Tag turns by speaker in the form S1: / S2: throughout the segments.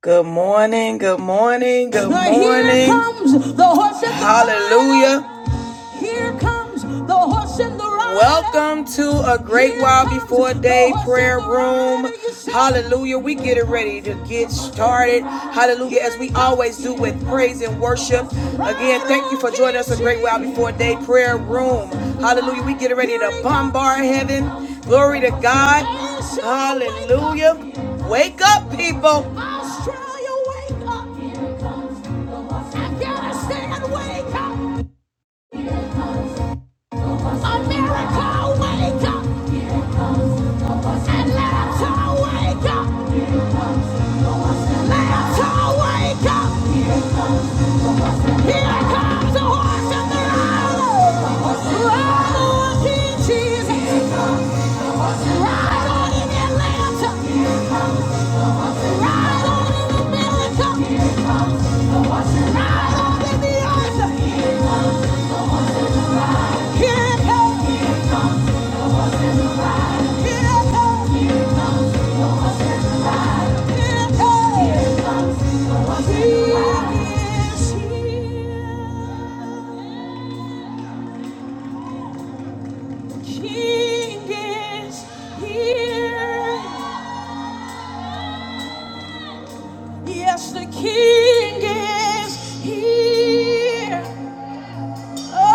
S1: Good morning, good morning, good But here morning. comes the horse Hallelujah. Here comes the horse and the rider. Welcome to a great Here while before day prayer room. Hallelujah. We get it ready to get started. Hallelujah. As we always do with praise and worship. Again, thank you for joining us a great while before day prayer room. Hallelujah. We get it ready to bombard heaven. Glory to God. Hallelujah. Wake up, people. Australia, wake up. Afghanistan, wake up. America, wake up! Atlanta, wake up! Atlanta, wake up! Here comes the horse of the road! Ride on, Jesus! Ride on in Atlanta! Ride on in America! Ride on in the earth! Here comes! Here comes! Here it comes! He is here! King is here. Yes, the King is here. Oh,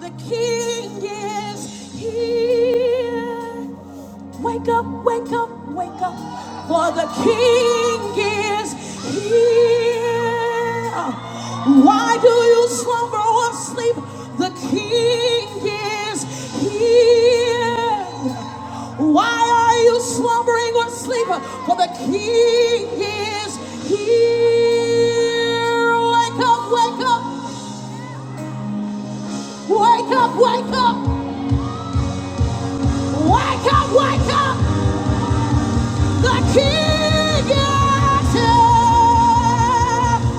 S1: the King is here. Wake up, wake up, wake up, for the King is here. Why do you slumber or sleep? The King is here. Why are you slumbering or sleeping? For the King is here. Wake up, wake up, wake up, wake up, wake up, wake up. The King is here.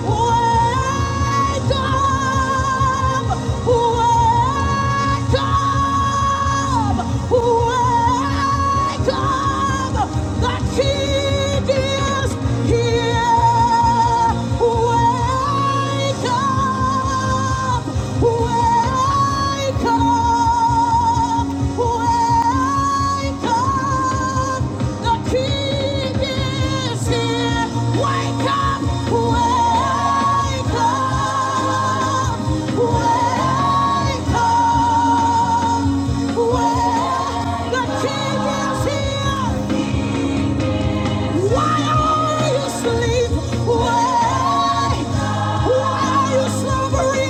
S1: Wake up, wake up, wake up. The King is here. Wake up. Wake up, wake up, the King is here. Wake up, wake up, wake up, wake. The Why are you sleeping? Why, Why are you slumbering?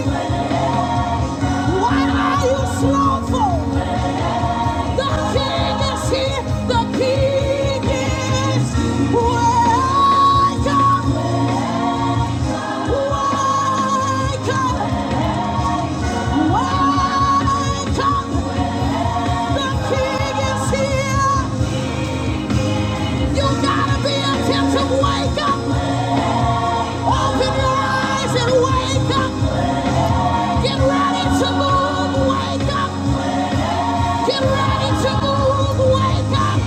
S1: Why are you slow for? The king is here. The king is. Wake up. Wake up. Wake up. The king is here. You gotta be attentive. Wake up. Open your eyes and wake up. Get ready to move. Wake up. Get ready to move. Wake up.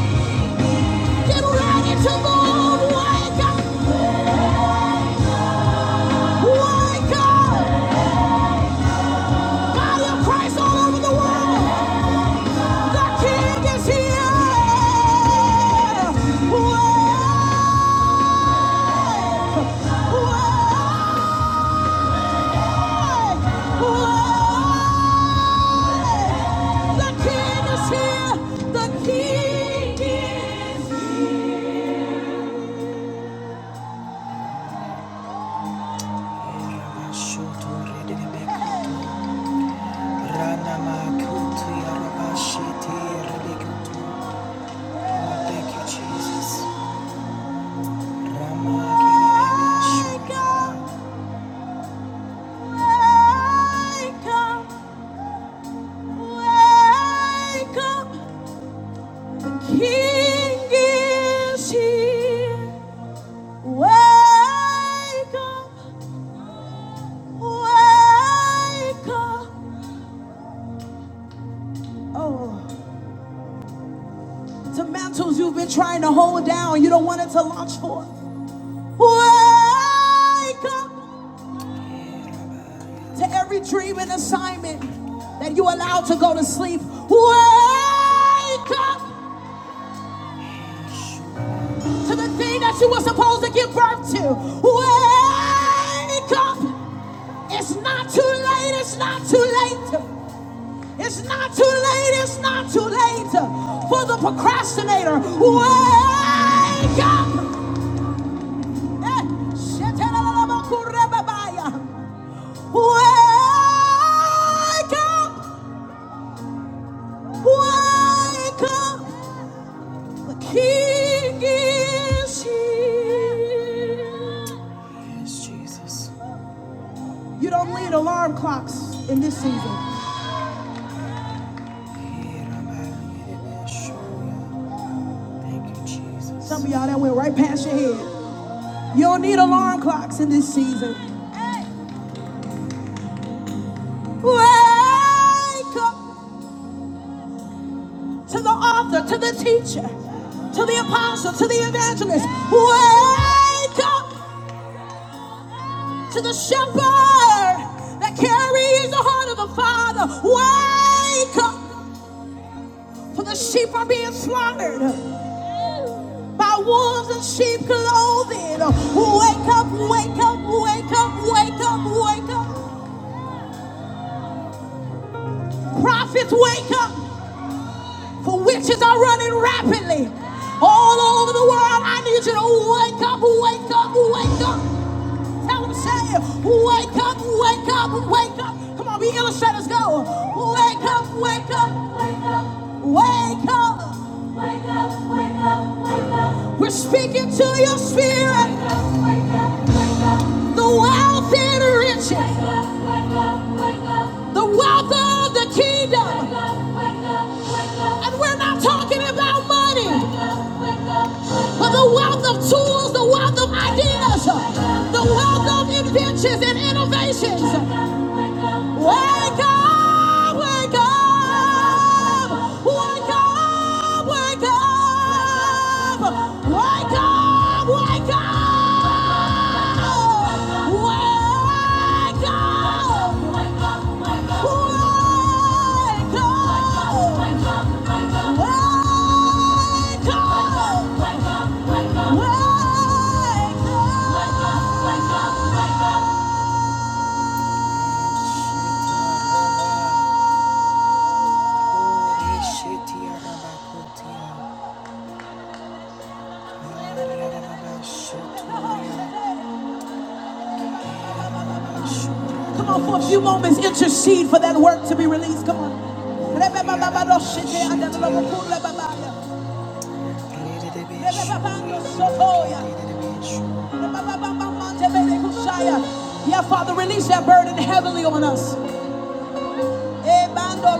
S1: Get ready to move. Wake up. My God, body of Christ all over the world. The King is here. Wake, wake, wake. The King is here. The King is here. Thank you, Jesus. Rama Wake up, wake up, King is here. Wake up, wake up. Oh, to mantles you've been trying to hold down, you don't want it to launch forth. Wake up to every dream and assignment that you allowed to go to sleep. Wake up. to the thing that you were supposed to give birth to. Wake up! It's not too late, it's not too late. It's not too late, it's not too late for the procrastinator. Wake up! Eh, Wake up! Wake up! The king is here. Yes, Jesus. You don't need alarm clocks in this season. Sure, thank you, Jesus. Some of y'all that went right past your head. You don't need alarm clocks in this season. Wake up to the author, to the teacher, to the apostle, to the evangelist. Wake up to the shepherd that carries the heart of the Father. Wake up, for the sheep are being slaughtered. by wolves and sheep clothing. Wake up, wake up, wake up, wake up, wake up. Prophets, wake up, for witches are running rapidly all over the world. I need you to wake up, wake up, wake up. Tell them, say, it. wake up, wake up, wake up. Come on, we illustrators, go. Wake up, wake up, wake up. We're speaking to your spirit, the wealth and riches. the wealth of the kingdom. And we're not talking about money, but the wealth of tools, the wealth of ideas, the wealth of inventions and innovations. Wake up, wake up, wake up, wake up, wake up, wake up. Come on, for a few moments, intercede for that work to be released. Come on. Yeah, Father, release that burden heavily on us. Ebando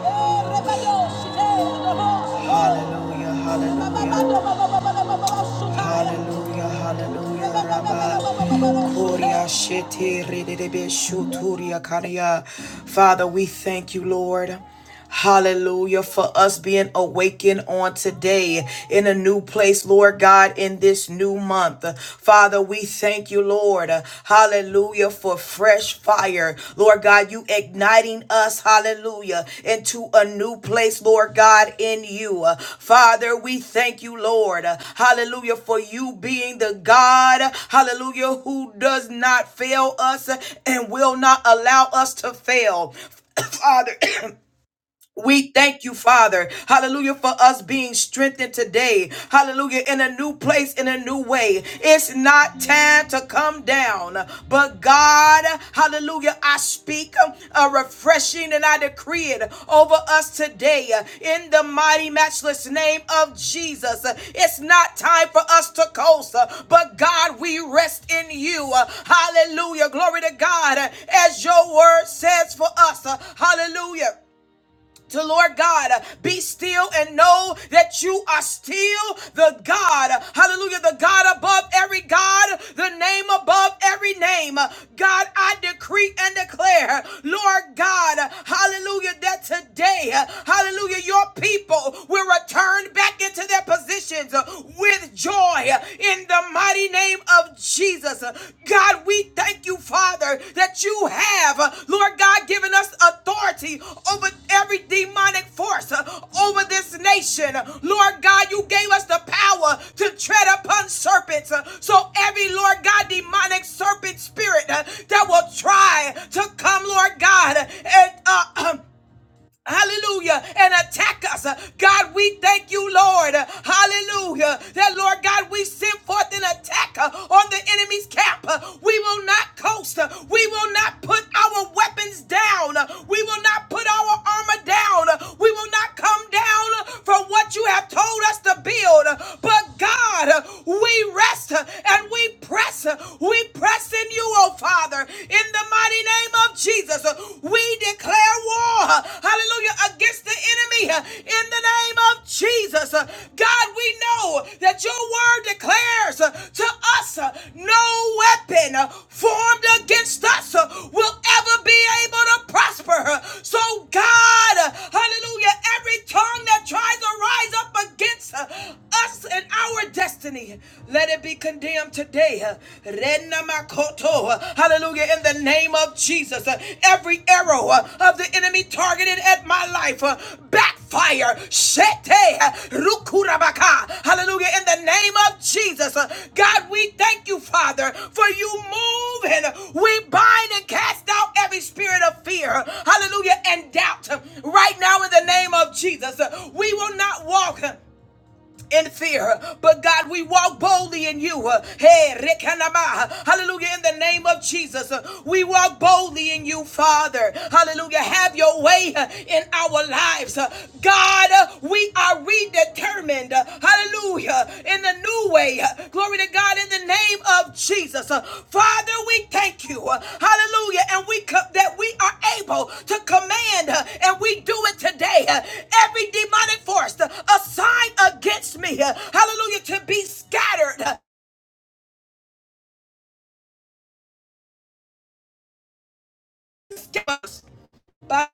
S1: Hallelujah, hallelujah. Hallelujah, hallelujah, Rabba. Koria shete rededebe shuturia karia. Father, we thank you, Lord. Hallelujah for us being awakened on today in a new place, Lord God, in this new month. Father, we thank you, Lord. Hallelujah for fresh fire. Lord God, you igniting us, hallelujah, into a new place, Lord God, in you. Father, we thank you, Lord. Hallelujah for you being the God, hallelujah, who does not fail us and will not allow us to fail. Father. We thank you, Father. Hallelujah, for us being strengthened today. Hallelujah, in a new place, in a new way. It's not time to come down, but God, hallelujah, I speak a refreshing and I decree it over us today in the mighty, matchless name of Jesus. It's not time for us to coast, but God, we rest in you. Hallelujah, glory to God, as your word says for us. Hallelujah to Lord God, be still and know that you are still the God. Hallelujah. The God above every God, the name above every name. God, I decree and declare, Lord God, hallelujah, that today, hallelujah, your people will return back into their positions with joy in the mighty name mighty name of Jesus. God, we thank you, Father, that you have, Lord God, given us authority over every demonic force uh, over this nation. Lord God, you gave us the power to tread upon serpents. Uh, So every, Lord God, demonic serpent spirit uh, that will try to come, Lord God, and uh, Hallelujah. And attack us. God, we thank you, Lord. Hallelujah. That, Lord God, we send forth an attack uh, on the enemy's camp. Uh, We will not coast. Uh, We will not put our weapons down. Uh, We will not put our armor down. Uh, We will not come down uh, from what you have told us to build. Uh, But, God, uh, we rest uh, and we press. Uh, We press in you, oh Father, in the mighty name of Jesus, uh, we declare war, uh, hallelujah, against the enemy uh, in the name of Jesus. Uh, God, we know that your word declares uh, to us uh, no weapon uh, formed against us uh, will ever be able to prosper. Uh, So, God, uh, hallelujah, every tongue that tries to rise up against uh, us and our destiny, let it be condemned today. Uh, Renamakoto. Uh, Hallelujah, in the the name of Jesus. Uh, Every arrow uh, of the enemy targeted at my life uh, backfire. Shete uh, rukurabaka. Hallelujah. In the name of Jesus. Uh, God, we thank you, Father, for you move and we bind and cast out every spirit of fear. Hallelujah. And doubt. Right now, in the name of Jesus, uh, we will not walk. uh, in fear, but God, we walk boldly in you. Hey, rekanama. hallelujah, in the name of Jesus, we walk boldly in you, Father. Hallelujah, have your way in our lives. God, we are redetermined. Hallelujah, in the new way. Glory to God, in the name of Jesus. Father, we thank you. Hallelujah, and we co- that we are able to command, and we do it today uh, every demonic force uh, assigned against me, uh, hallelujah, to be scattered. uh, by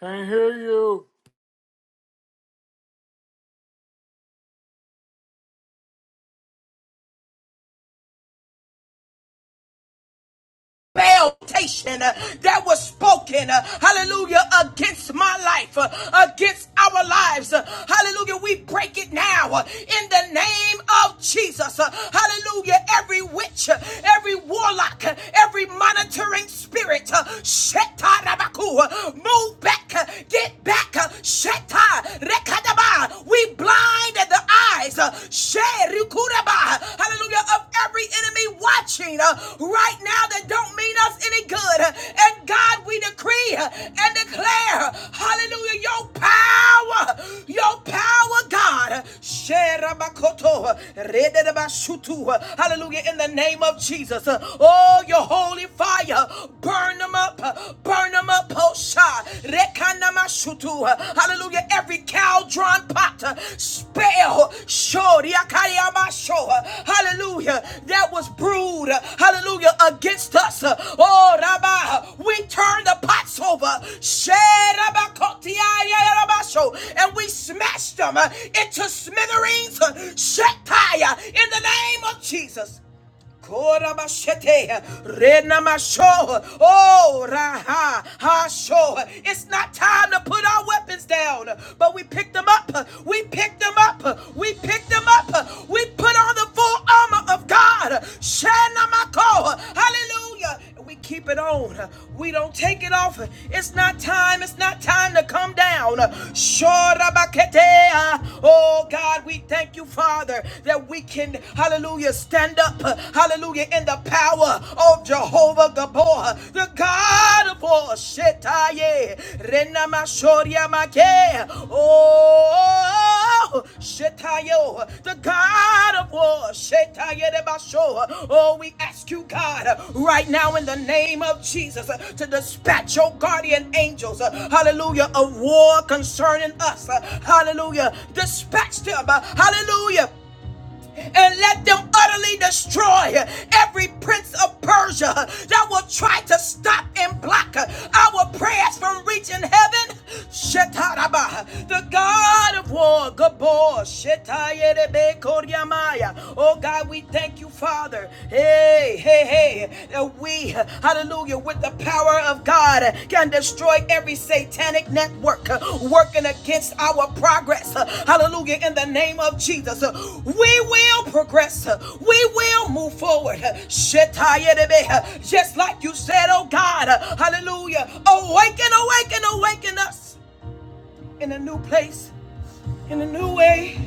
S2: Can't hear you.
S1: Exaltation uh, that was spoken, uh, hallelujah, against my life, uh, against our lives, uh, hallelujah. We break it now uh, in the name of Jesus, uh, hallelujah. Every witch, uh, every warlock, uh, every monitoring spirit, uh, uh, move back, uh, get back, uh, we blind the eyes, uh, hallelujah, of every enemy watching uh, right right now that don't mean us any good. And God, we decree and declare, hallelujah, your power, your power, God. Sherabakoto, rededabashutu. Hallelujah, in the name of Jesus. Oh, your holy fire, burn them up, Burn them up, Posha. Rekanamashutu. Hallelujah. Every cow drawn pot. uh, Spell. Shoriakariamasho. Hallelujah. That was brewed. uh, Hallelujah. Against us. Uh, Oh, Rabba. We turn the pots over. Sherabakotiayarabasho. And we smash them uh, into smithereens. uh, Shetaya. In the name of Jesus. Korabashete, renamasho, oh, raha, hasho. It's not time to put our weapons down, but we pick them up. We pick them up. We pick them up. We put on the full armor of God. Shanamako, power. Hallelujah. We keep it on. We don't take it off. It's not time. It's not time to come down. Shorabaketea. Oh God, we thank you, Father, that we can, hallelujah, stand up, hallelujah, in the power of Jehovah Gabor, the God of all. Shetaye. Renamashoria make. Oh, Shetayo show, the God of war. Shetayedebasho. Oh, we ask you, God, right now in the name of Jesus, to dispatch your guardian angels, hallelujah, of war concerning us. Hallelujah. Dispatch them, hallelujah and let them utterly destroy every prince of Persia that will try to stop and block our prayers from reaching heaven. Shetaraba, the God of war, Gabor, Shetayerebe Koryamaya. Oh God, we thank you, Father. Hey, hey, hey, that we, hallelujah, with the power of God can destroy every satanic network uh, working against our progress. Uh, Hallelujah. In the name of Jesus, uh, we will progress. Uh, We will move forward. Uh, uh, Just like you said, oh God. uh, Hallelujah. Awaken, awaken, awaken us in a new place, in a new way.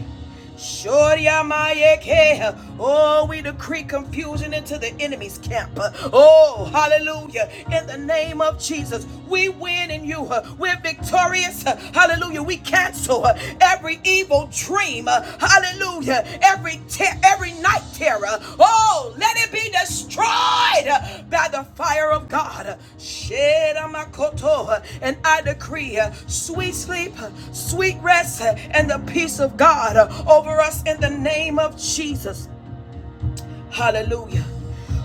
S1: Shoryamayekeha. Oh, we decree confusion into the enemy's camp. Oh, hallelujah. In the name of Jesus, we win in you. We're victorious. Hallelujah. We cancel every evil dream. Hallelujah. Every every te- every night terror. Oh, let it be destroyed uh, by the fire of God. Shedamakoto, uh, And I decree uh, sweet sleep, uh, sweet rest, uh, and the peace of God uh, over us in the name of Jesus. Hallelujah.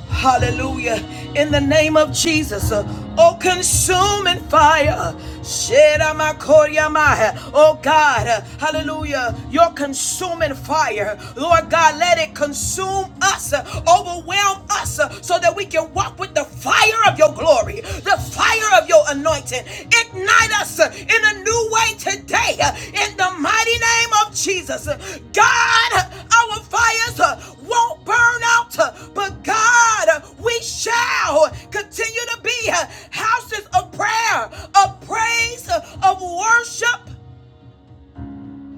S1: Hallelujah. In the name of Jesus. uh, Oh, consuming fire. Shedamakoryamai. Oh, God. uh, Hallelujah. Your consuming fire. Lord God, let it consume us, uh, overwhelm us, uh, so that we can walk with the fire of your glory. The fire fire of your anointing. Ignite us uh, in a new way today uh, in the mighty name of Jesus. Uh, God, uh, our fires uh, won't burn out, uh, but God, uh, we shall continue to be uh, houses of prayer, of praise, uh, of worship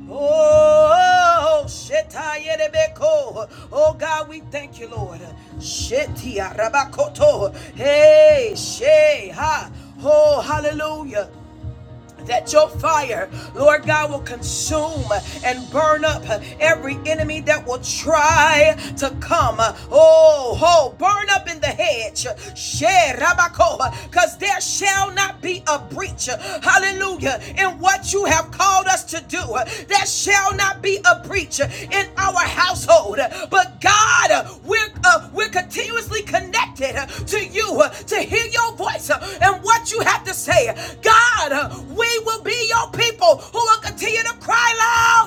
S1: Oh, Shetayerebeko. Oh God, we thank you, Lord. Shetia Rabakoto. Hey, She, ha. Oh, hallelujah that your fire, Lord God, will consume and burn up every enemy that will try to come. Oh, oh, burn up in the hedge. Because there shall not be a breach, hallelujah, in what you have called us to do. There shall not be a breach in our household. But God, we're, uh, we're continuously connected to you to hear your voice and what you have to to say, God, uh, we will be your people who will continue to cry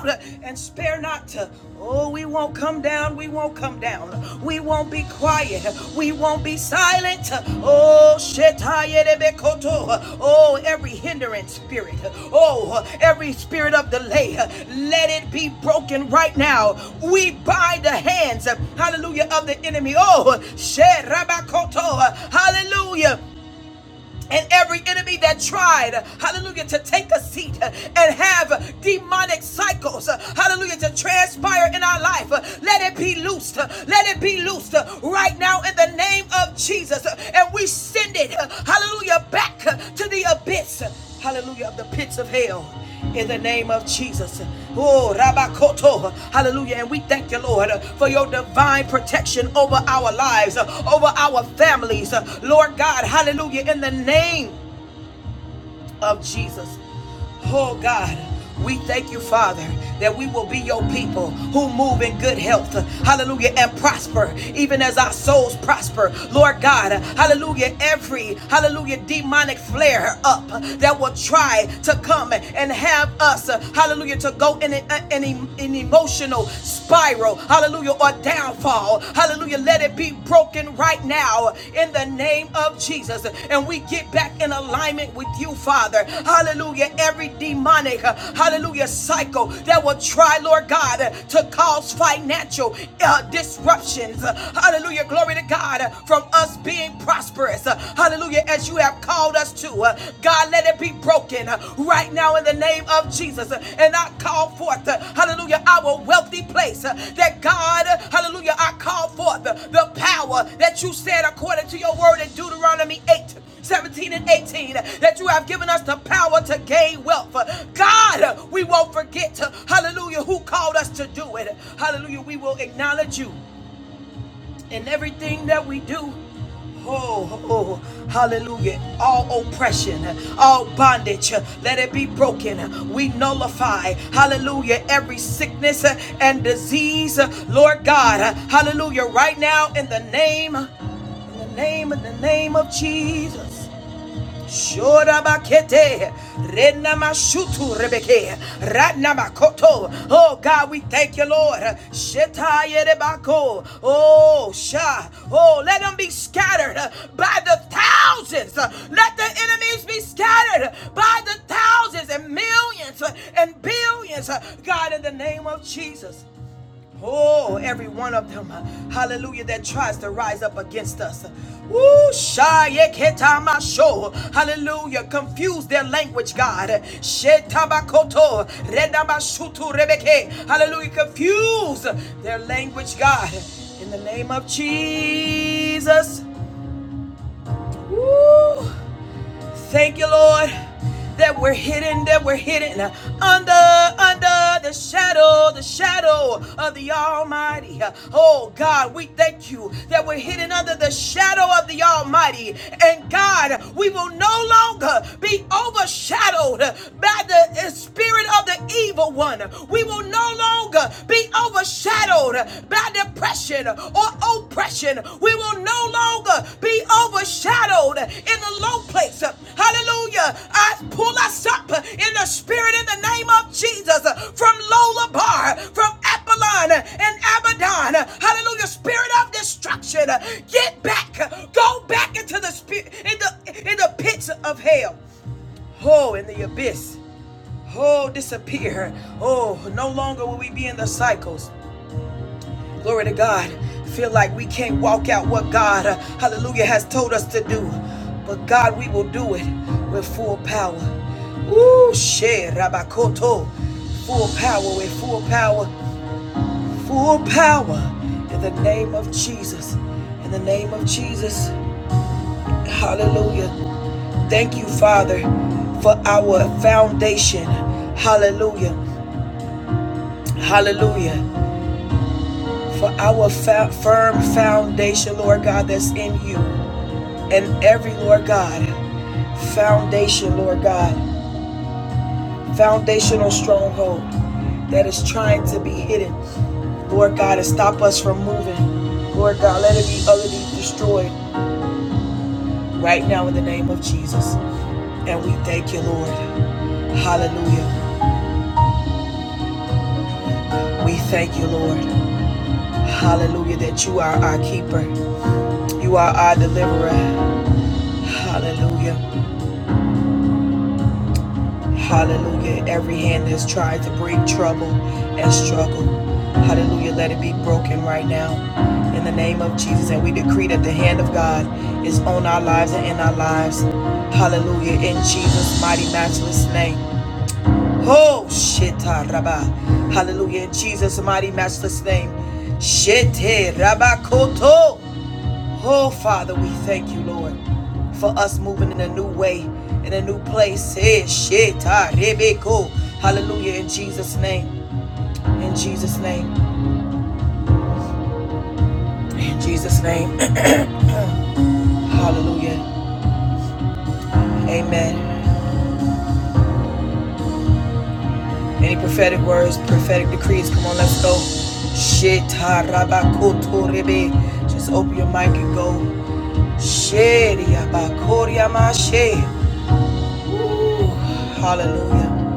S1: loud and spare not. Oh, we won't come down. We won't come down. We won't be quiet. We won't be silent. Oh, shetayelebekoto. oh, every hindrance spirit. Oh, every spirit of delay. Let it be broken right now. We bind the hands, hallelujah, of the enemy. Oh, sherabakoto. hallelujah and every enemy that tried, hallelujah, to take a seat uh, and have uh, demonic cycles, uh, hallelujah, to transpire in our life. uh, Let it be loosed. uh, Let it be loosed uh, right now in the name of Jesus. uh, And we send it, uh, hallelujah, back uh, to the abyss hallelujah, of the pits of hell in the name of Jesus. Oh, Rabakoto, hallelujah. And we thank you, Lord, uh, for your divine protection over our lives, uh, over our families, uh, Lord God, hallelujah, in the name of Jesus. Oh God, we thank you, Father, that we will be your people who move in good health, hallelujah, and prosper, even as our souls prosper. Lord God, hallelujah, every, hallelujah, demonic flare up that will try to come and have us, hallelujah, to go in an, emotional spiral, hallelujah, or downfall, hallelujah. Hallelujah. Let it be broken right now in the name of Jesus. And we get back in alignment with you, Father. Hallelujah. Every demonic, uh, hallelujah, cycle that will try, Lord God, uh, to cause financial uh, disruptions. Uh, Hallelujah. Glory to God uh, from us being prosperous. Uh, Hallelujah. As you have called us to, uh, God, let it be broken in uh, right now in the name of Jesus. Uh, And I call forth, uh, hallelujah, our wealthy place uh, that God, uh, hallelujah, I call forth uh, the power that you said according to your word in Deuteronomy 8, 17, and 18 uh, that you have given us the power to gain wealth. Uh, God, uh, we won't forget, uh, hallelujah, who called us to do it. Hallelujah, we will acknowledge you in everything that we do. Oh, oh, hallelujah. All oppression, all bondage, let it be broken. We nullify, hallelujah, every sickness and disease, Lord God, hallelujah, right now in the name, in the name, in the name of Jesus. Shorabakete, Renamashutu Rebeke, Ratnamakoto. Oh God, we thank you, Lord. Shetayerebako. Oh Sha. Oh, let them be scattered by the thousands. Let the enemies be scattered by the thousands and millions and billions. God, in the name of Jesus. Oh, every one of them, hallelujah, that tries to rise up against us. Woo, shayeketamashô, hallelujah, confuse their language, God. Shetabakoto, redamashutu rebeke, hallelujah, confuse their language, God. In the name of Jesus. Woo, Thank you, Lord, that we're hidden, that we're hidden under, under the shadow, the shadow of the Almighty. Oh God, we thank you that we're hidden under the shadow of the Almighty. And God, we will no longer be overshadowed by the spirit of the evil one. We will no longer be overshadowed by depression or oppression. We will no longer be overshadowed in the low place. Hallelujah. I pull us up in the spirit in the name of Jesus from Lola from Apollon and Abaddon. Hallelujah. Spirit of destruction. Get back. Go back into the spirit in the in the pits of hell. Oh, in the abyss. Oh, disappear. Oh, no longer will we be in the cycles. Glory to God. Feel like we can't walk out what God, uh, hallelujah, has told us to do. But God, we will do it with full power. Ooh, share, Rabakoto. Full power, with full power, full power in the name of Jesus. In the name of Jesus. Hallelujah. Thank you, Father, for our foundation. Hallelujah. Hallelujah. For our fa- firm foundation, Lord God, that's in you. and every Lord God foundation, Lord God, foundational stronghold that is trying to be hidden, Lord God, and stop us from moving. Lord God, let it be utterly destroyed right now in the name of Jesus. And we thank you, Lord. Hallelujah. We thank you, Lord. Hallelujah, that you are our keeper. You are our deliverer. Hallelujah. Hallelujah. Every hand that's tried to bring trouble and struggle. Hallelujah. Let it be broken right now. In the name of Jesus. And we decree that the hand of God is on our lives and in our lives. Hallelujah. In Jesus' mighty matchless name. Oh shit. ah, Rabba. Hallelujah. In Jesus' mighty matchless name. Shit. eh, Rabba koto. Oh, Father, we thank you, Lord, for us moving in a new way, in a new place. Eh, shit, ah, rebeko. Hallelujah, in Jesus' name. In Jesus' name. In Jesus' name. Hallelujah. Amen. Any prophetic words, prophetic decrees? Come on, let's go. Shit, ah, rabakoto, rebe. Just open your mic and go. Shit, ya, bakoria, ma, she. Ooh, Hallelujah.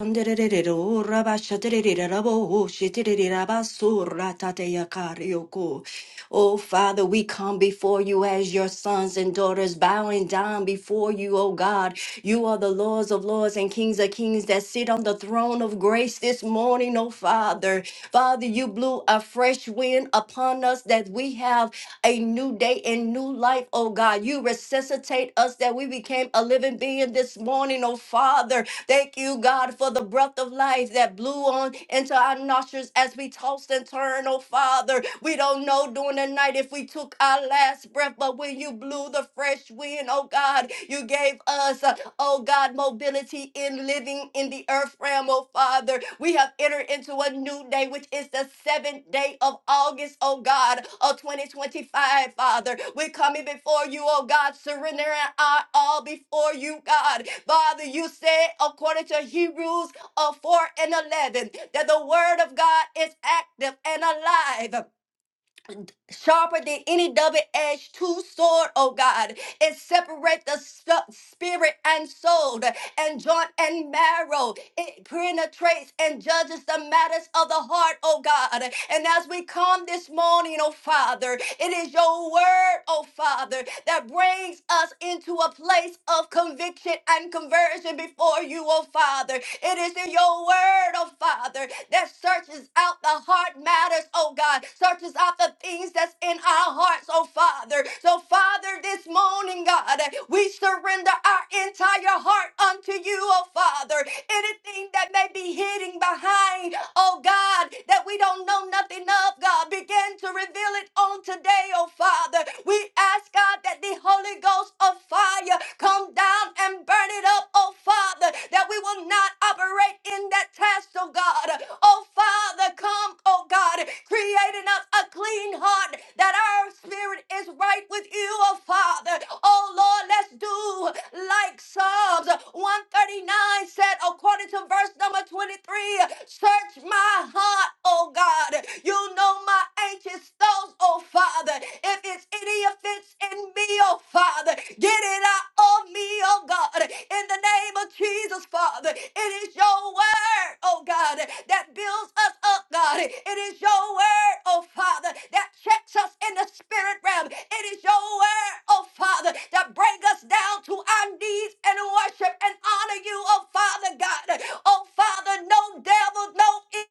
S3: Anderererero, rabashaterererabo, shitererabaso, ratateyakarioko. Oh, Father, we come before you as your sons and daughters, bowing down before you, oh God. You are the Lords of Lords and Kings of Kings that sit on the throne of grace this morning, oh Father. Father, you blew a fresh wind upon us that we have a new day and new life, oh God. You resuscitate us that we became a living being this morning, oh Father. Thank you, God, for the breath of life that blew on into our nostrils as we tossed and turned, oh Father. We don't know during the night if we took our last breath, but when you blew the fresh wind, oh God, you gave us, uh, oh God, mobility in living in the earth realm, oh Father. We have entered into a new day, which is the seventh day of August, oh God, of 2025, Father. We're coming before you, oh God, surrendering our all before you, God. Father, you said, according to Hebrews uh, 4 and 11, that the word of God is active and alive. Sharper than any double-edged two-sword, oh God, it separates the stu- spirit and soul, and joint and marrow. It penetrates and judges the matters of the heart, oh God. And as we come this morning, oh Father, it is your word, oh Father, that brings us into a place of conviction and conversion before you, oh Father. It is in your word, oh Father, that searches out the heart matters, oh God, searches out the things that's in our hearts, oh Father. So, Father, this morning, God, we surrender our entire heart unto you, oh Father. Anything that may be hidden behind, oh God, that we don't know nothing of, God, begin to reveal it on today, oh Father. We ask, God, that the Holy Ghost of fire come down and burn it up, oh Father, that we will not operate operate in that task, oh God. Oh Father, come, oh God, creating us a clean heart that our spirit is right with you, oh Father. Oh Lord, let's do like Psalms 139 said, according to verse number 23, search my heart, oh God. You know my anxious thoughts, oh Father. If it's any offense in in me, oh Father. Get it out of me, oh God. In the name of Jesus, Father. It is your word, oh God, that builds us up, God. It is your word, oh Father, that checks us in the spirit realm. It is your word, oh Father, that brings us down to our knees and worship and honor you, oh Father God. Oh Father, no devil, no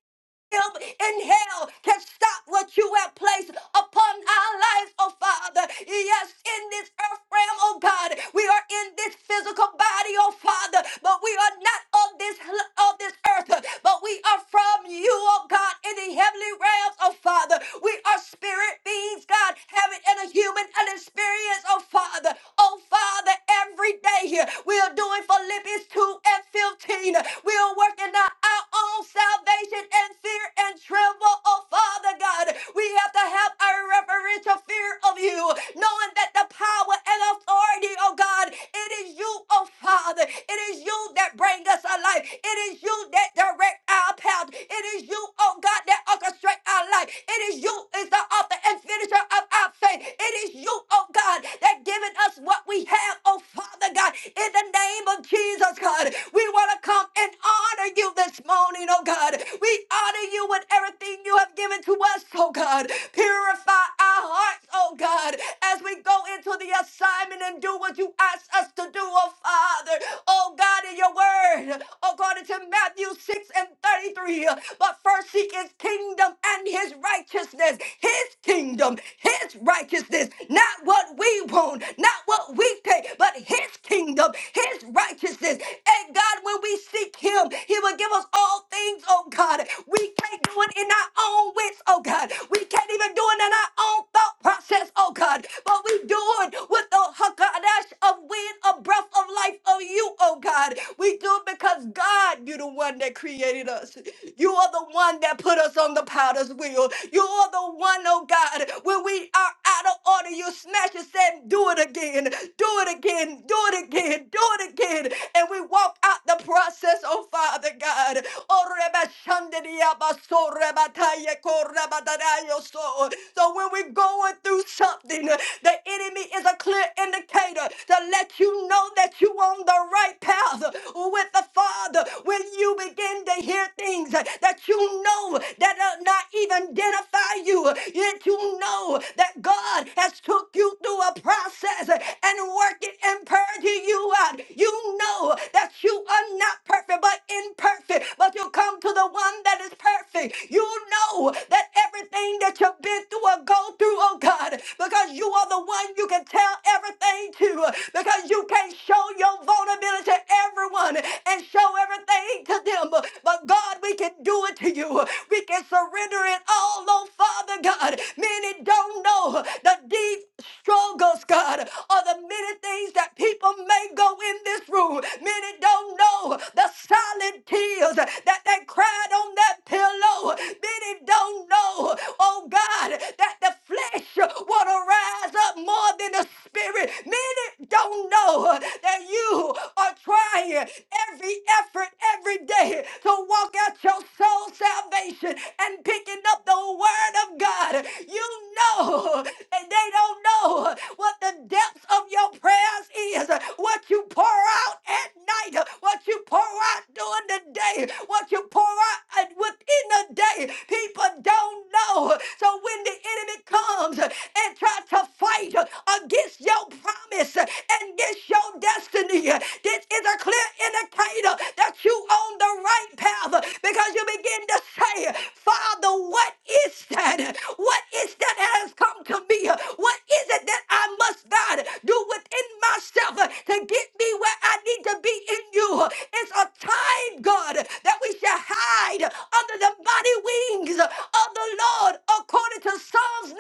S3: in hell can stop what you have placed upon our lives, oh Father. Yes, in this earth realm, oh God, we are in this physical body, oh Father, but we are not of this of this earth, but we are from you, oh God, in the heavenly realms, oh Father. We are spirit beings, God, having in a human an experience, oh Father. Oh Father, every day here we are doing Philippians 2 and 15. We are working out our own salvation and fear and tremble, oh Father God. We have to have a reverential fear of you, knowing that the power and authority, oh God, it is you, oh Father. It is you that bring us alive. It is you that direct our path. It is you, oh God, that orchestrate our life. It is you is the author and finisher of our faith. It is you, oh God, that given us what we have, oh Father God, in the name of Jesus, God. We want to come in honor honor you this morning, oh God. We honor you with everything you have given to us, oh God. Purify our hearts, oh God, as we go into the assignment and do what you ask us to do, oh Father. Oh God, in your word, according to Matthew 6 and 33. But first seek his kingdom and his righteousness, his kingdom, his righteousness, not what we want, not what we pay, but his kingdom, his righteousness. And God, when we seek him, he will give us all things, oh God. We can't do it in our own wits, oh God. We can't even do it in our own thought process, oh God. But we do it with the hakadash of wind, a breath of life of you, oh God. We do it because God, you're the one that created us. You are the one that put us on the powder's wheel. You are the one, oh God, when we are out of order, you smash us and do it again. Do it again. Do it again. Do it again and we walk out the process, oh Father God. Oh, Reba Shandidia Baso Reba Taya Ko Dadayo So So when we're going through something, the enemy is a clear indicator to let you know that you're on the right path with the Father. When you begin to hear things that you know that are not even identify you, yet you know that God has took you through a process and working and purging you you out. You know that you are not perfect, but imperfect. But you come to the one that is perfect. You know that everything that you've been through or go through, oh God, because you are the one you can tell everything to, because you can show your vulnerability to everyone and show everything to them. But God, we can do it to you. We can surrender it all, oh Father God. Many don't know the deep struggles, God, or the many many things that people may go in this room. Many don't know the silent tears that they cried on that pillow. Many don't know, oh God, that the flesh will rise up more than the spirit. Many don't know that you are trying every effort every day to walk out your soul salvation and picking up the word of God. You know, and they don't know what what the depths of your prayers is, what you pour out at night, what you pour out during the day, what you pour out at- within the day, people don't know. So when the enemy comes and tries to fight against your promise and against your destiny, this is a clear indicator that you on the right path because you begin to say, Father, what is that? What is that that has come to me? What is it that I must, God, do within myself uh, to get me where I need to be in you? It's a time, God, that we shall hide under the mighty wings of the Lord, according to Psalms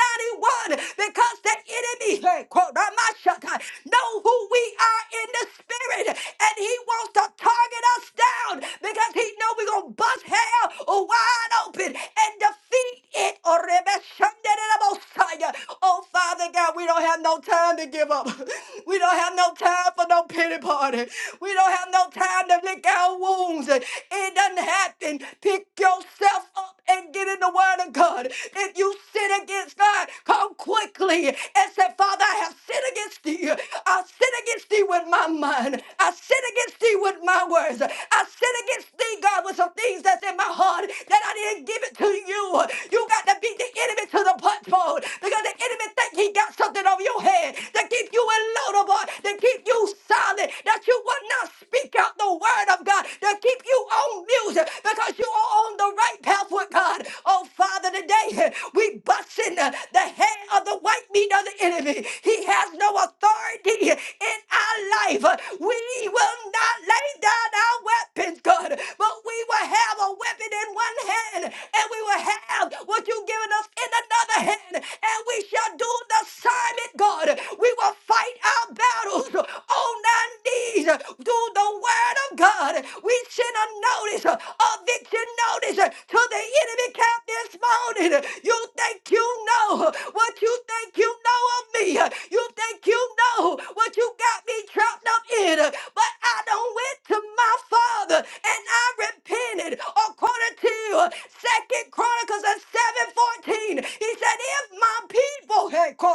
S3: 91, because the enemy, hey, quote, not my shut eye, know who we are in the spirit, and he wants to target us down because he know we're going to bust hell wide open and defeat it. Or Oh, Father God, we don't have no time to give up. We don't have no time for no pity party. We don't have no time to lick our wounds. It doesn't happen. Pick yourself up and get in the Word of God. If you sin against God, come quickly and say, Father, I have sinned against thee. I sin against thee with my mind. I sin against thee with my words. I sin against thee, God, with some things that's in my heart that I didn't give it to you. You got to be the enemy to the punchbowl because the enemy think he got something over your head to keep you unloadable, to keep you silent, that you will not speak out the word of God, to keep you on music because you are on the right path with God. Oh, Father, today we busting the the head of the white meat of the enemy. He has no authority in our life. We will not lay down our weapons, God, but we will have a weapon in one hand and we will have have what you've given us in another hand, and we shall do the assignment, God. We will fight our battles on our knees through the word of God. We send a notice, a eviction notice to the enemy camp this morning. You think you know what you think you know know of me. You think you know what you got me trapped up in. But I done went to my father and I repented according to Second Chronicles and 7:14. He said, if my people had called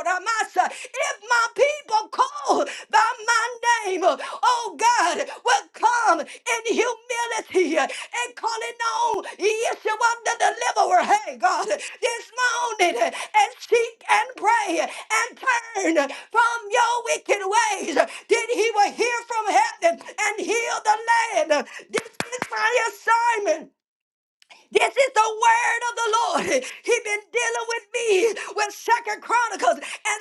S3: if my people call by my name, oh God, will have come in humility and calling on Yeshua the deliverer, hey God, this morning and seek and pray and turn from your wicked ways. Then he will hear from heaven and heal the land. This is my assignment this is the word of the Lord. He's been dealing with me with Second Chronicles and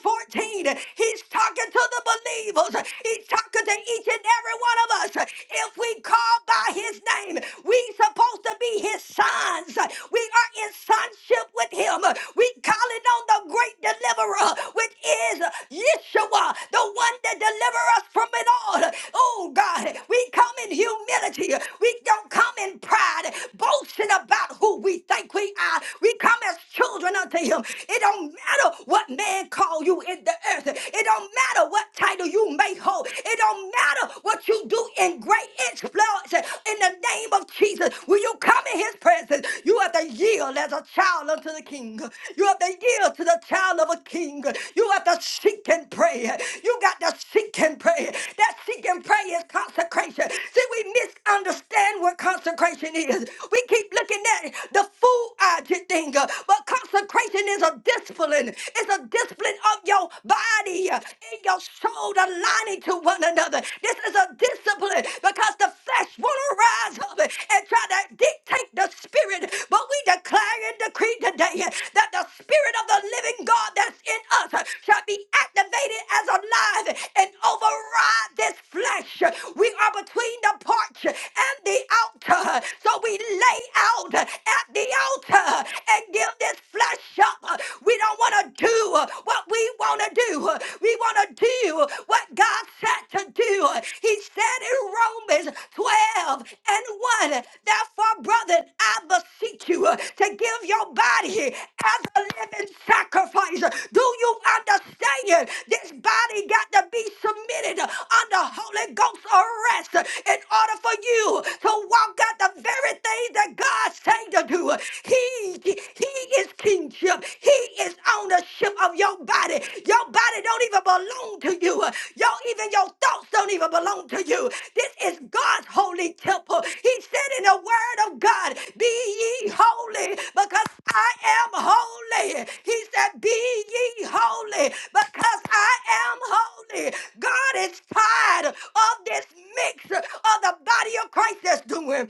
S3: 714. He's talking to the believers. He's talking to each and every one of us. If we call by his name, we supposed to be his sons. We are in sonship with him. We calling on the great deliverer, which is Yeshua, the one that delivers us from it all. Oh God, we come in humility. We don't come in pride boasting about who we think we are. We come as children unto him. It don't matter what man call you in the earth. It don't matter what title you may hold. It don't matter what you do in great exploits. In the name of Jesus, when you come in his presence? You have to yield as a child unto the king. You have to yield to the child of a king. You have to seek and pray. You got to seek and pray. That seek and pray is consecration. See, we misunderstand what consecration is churches. We keep looking at the full object thing, uh, but consecration is a discipline. It's a discipline of your body uh, and your soul aligning to one another. This is a discipline because the flesh want to rise up and try to dictate the spirit. But we declare and decree today uh, that the spirit of the living God that's in us uh, shall be activated as alive and override this flesh. We are between the porch and the altar. So we lay out at the altar and give this flesh up. We don't want to do what we want to do. We want to do what God said to do. He said in Romans 12 and 1, therefore, brother, I beseech you to give your body as a living sacrifice. Do you understand? This body got to be submitted under Holy Ghost arrest in order for you to walk out the very thing that God said to do. He, he is kingship. He is ownership of your body. Your body don't even belong to you. Your even your thoughts don't even belong to you. This is God's holy temple. He said in the word of God, be ye holy because I am holy. He said, be ye holy because I am holy. God is tired of this mix of the body of Christ that's doing.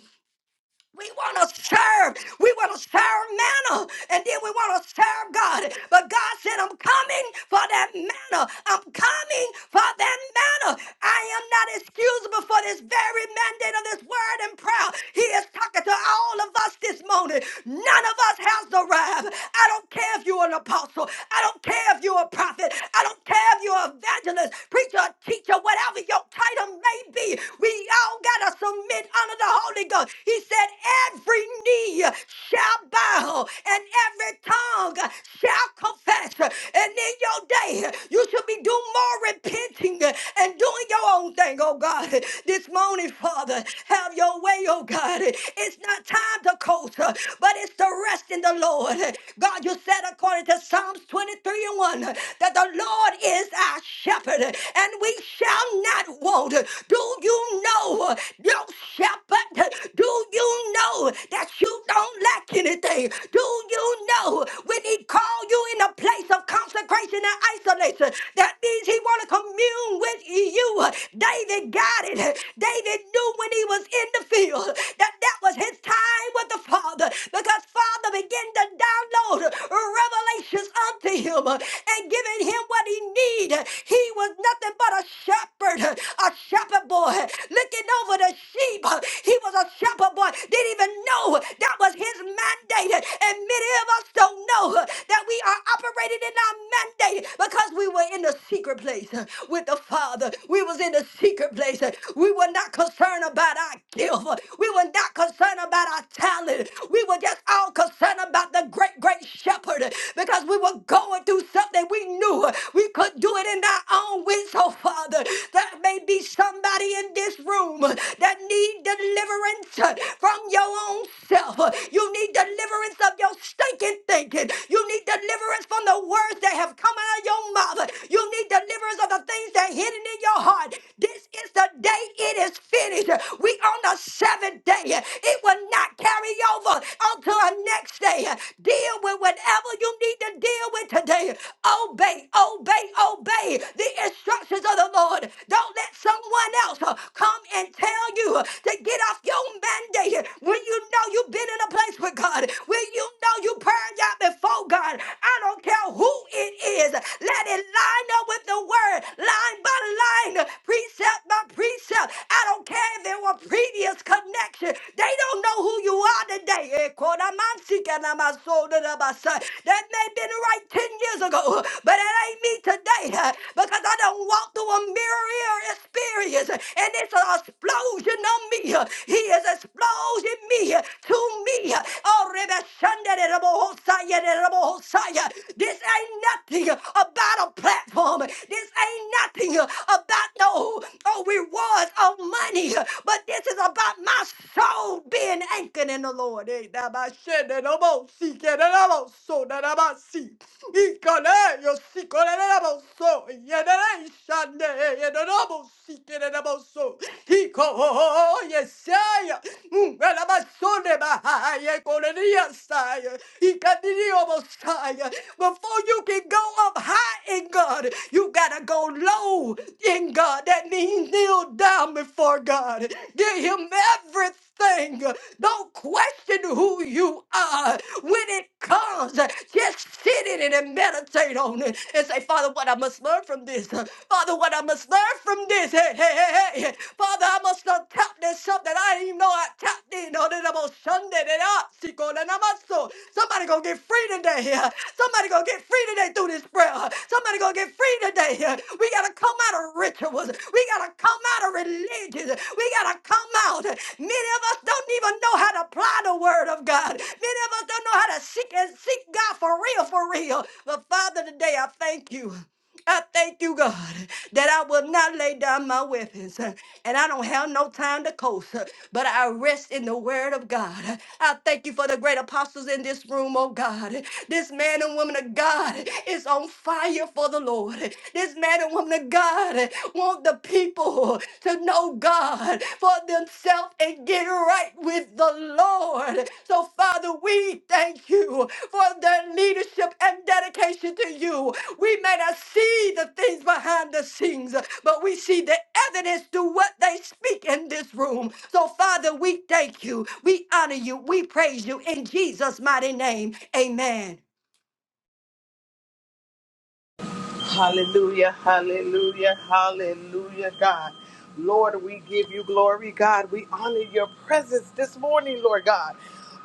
S3: We want to serve. We want to serve manna. And then we want to serve God. But God said, I'm coming for that manna. I'm coming for that manna. I am not excusable for this very mandate of this word and prayer. He is talking to all of us us this morning. None of us has arrived. I don't care if you're an apostle. I don't care if you're a prophet. I don't care if you're an evangelist, preacher, teacher, whatever your title may be. We all got to submit under the Holy Ghost. He said, Every knee shall bow and every tongue shall confess. And in your day, you should be doing more repenting and doing your own thing, oh God. This morning, it, Father. Have your way, oh God. It's not time to coast, uh, but it's to rest in the Lord. God, you said according to Psalms 23 and 1 uh, that the Lord is our shepherd uh, and we shall not want. Do you know, uh, your shepherd? uh, Do you know that you don't lack anything? Do you know when he called you in a place of consecration and isolation? That means he wants to commune with you. David got it. David knew when he was in the field that that was his time with the Father because Father began to download revelations unto him and giving him what he needed. He was nothing but a shepherd, a shepherd boy looking over the sheep. He was a shepherd boy, didn't even know that was his mandate. And many of us don't know that we are operating in our mandate because we were in the secret place uh, with the Father. We was in the secret place. uh, We were not concerned about our gift. uh, We were not concerned about our talent. We were just all concerned about the great, great shepherd uh, because we were going through something we knew uh, we could do it in our own wits. So, Father, there may be somebody in this room uh, that need deliverance uh, from your own self. You need deliverance of your stinking thinking. You need deliverance from the words that have come out of your mouth. You need deliverance of the things that are hidden in your heart. This is the day it is finished. We on the seventh day. It will not carry over until the next day. Deal with whatever you need to deal with today. Obey, obey, obey the instructions of the Lord. Don't let someone else uh, come and tell compel you to get off your mandate when you know you've been in a place with God, when you know you purged out before God. I don't care who it is. Let it line up with the word, line by line, precept by precept. I don't care if there were previous connection. They don't know who you are today. Eh, Kodamansikenamasodabasa. That may have been right 10 years ago, but it ain't me today uh, because I don't don't walk through a mirror experience and it's an explosion on me. He is exploding me to me. Oh, Rebbe Shanda de Rebbe Hosea de Rebbe Hosea. This ain't nothing about a platform. This ain't nothing about no oh, rewards or money. But this is about my soul being anchored in the Lord. Eh, Rebbe Shanda de Rebbe Hosea de Rebbe Hosea. Ikone, yo sikorere boso, yenere ishane, yenere bosi kerere boso. Iko ho ho ho, yesaya. Before you can go up high in God, you gotta go low in God. That means kneel down before God. Give Him everything. Don't question who you are when it comes. Just sit in it and meditate on it and say, Father, what I must learn from this. Father, what I must learn from this. Hey, hey, hey, hey. hey. hey. Father, I must have tapped in something. I didn't even know I tapped in. No, that about Sunday. That I see God, and I'm also- Somebody gonna get free today. yeah. Somebody gonna get free today through this prayer. huh? Somebody gonna get free today. yeah. We gotta come out of rituals. We gotta come out of religion. We gotta come out. Many of us don't even know how to apply the word of God. Many of us don't know how to seek and seek God for real, for real. But Father, today I thank you. I thank you, God, that I will not lay down my weapons uh, and I don't have no time to coast, uh, but I rest in the word of God. I thank you for the great apostles in this room, oh God. This man and woman of God is on fire for the Lord. This man and woman of God want the people to know God for themselves and get right with the Lord. So, Father, we thank you for their leadership and dedication to you. We may not see the things behind the scenes, but we see the evidence to what they speak in this room. So, Father, we thank you. We honor you. We praise you in Jesus' mighty name. Amen.
S4: Hallelujah, hallelujah, hallelujah, God. Lord, we give you glory, God. We honor your presence this morning, Lord God.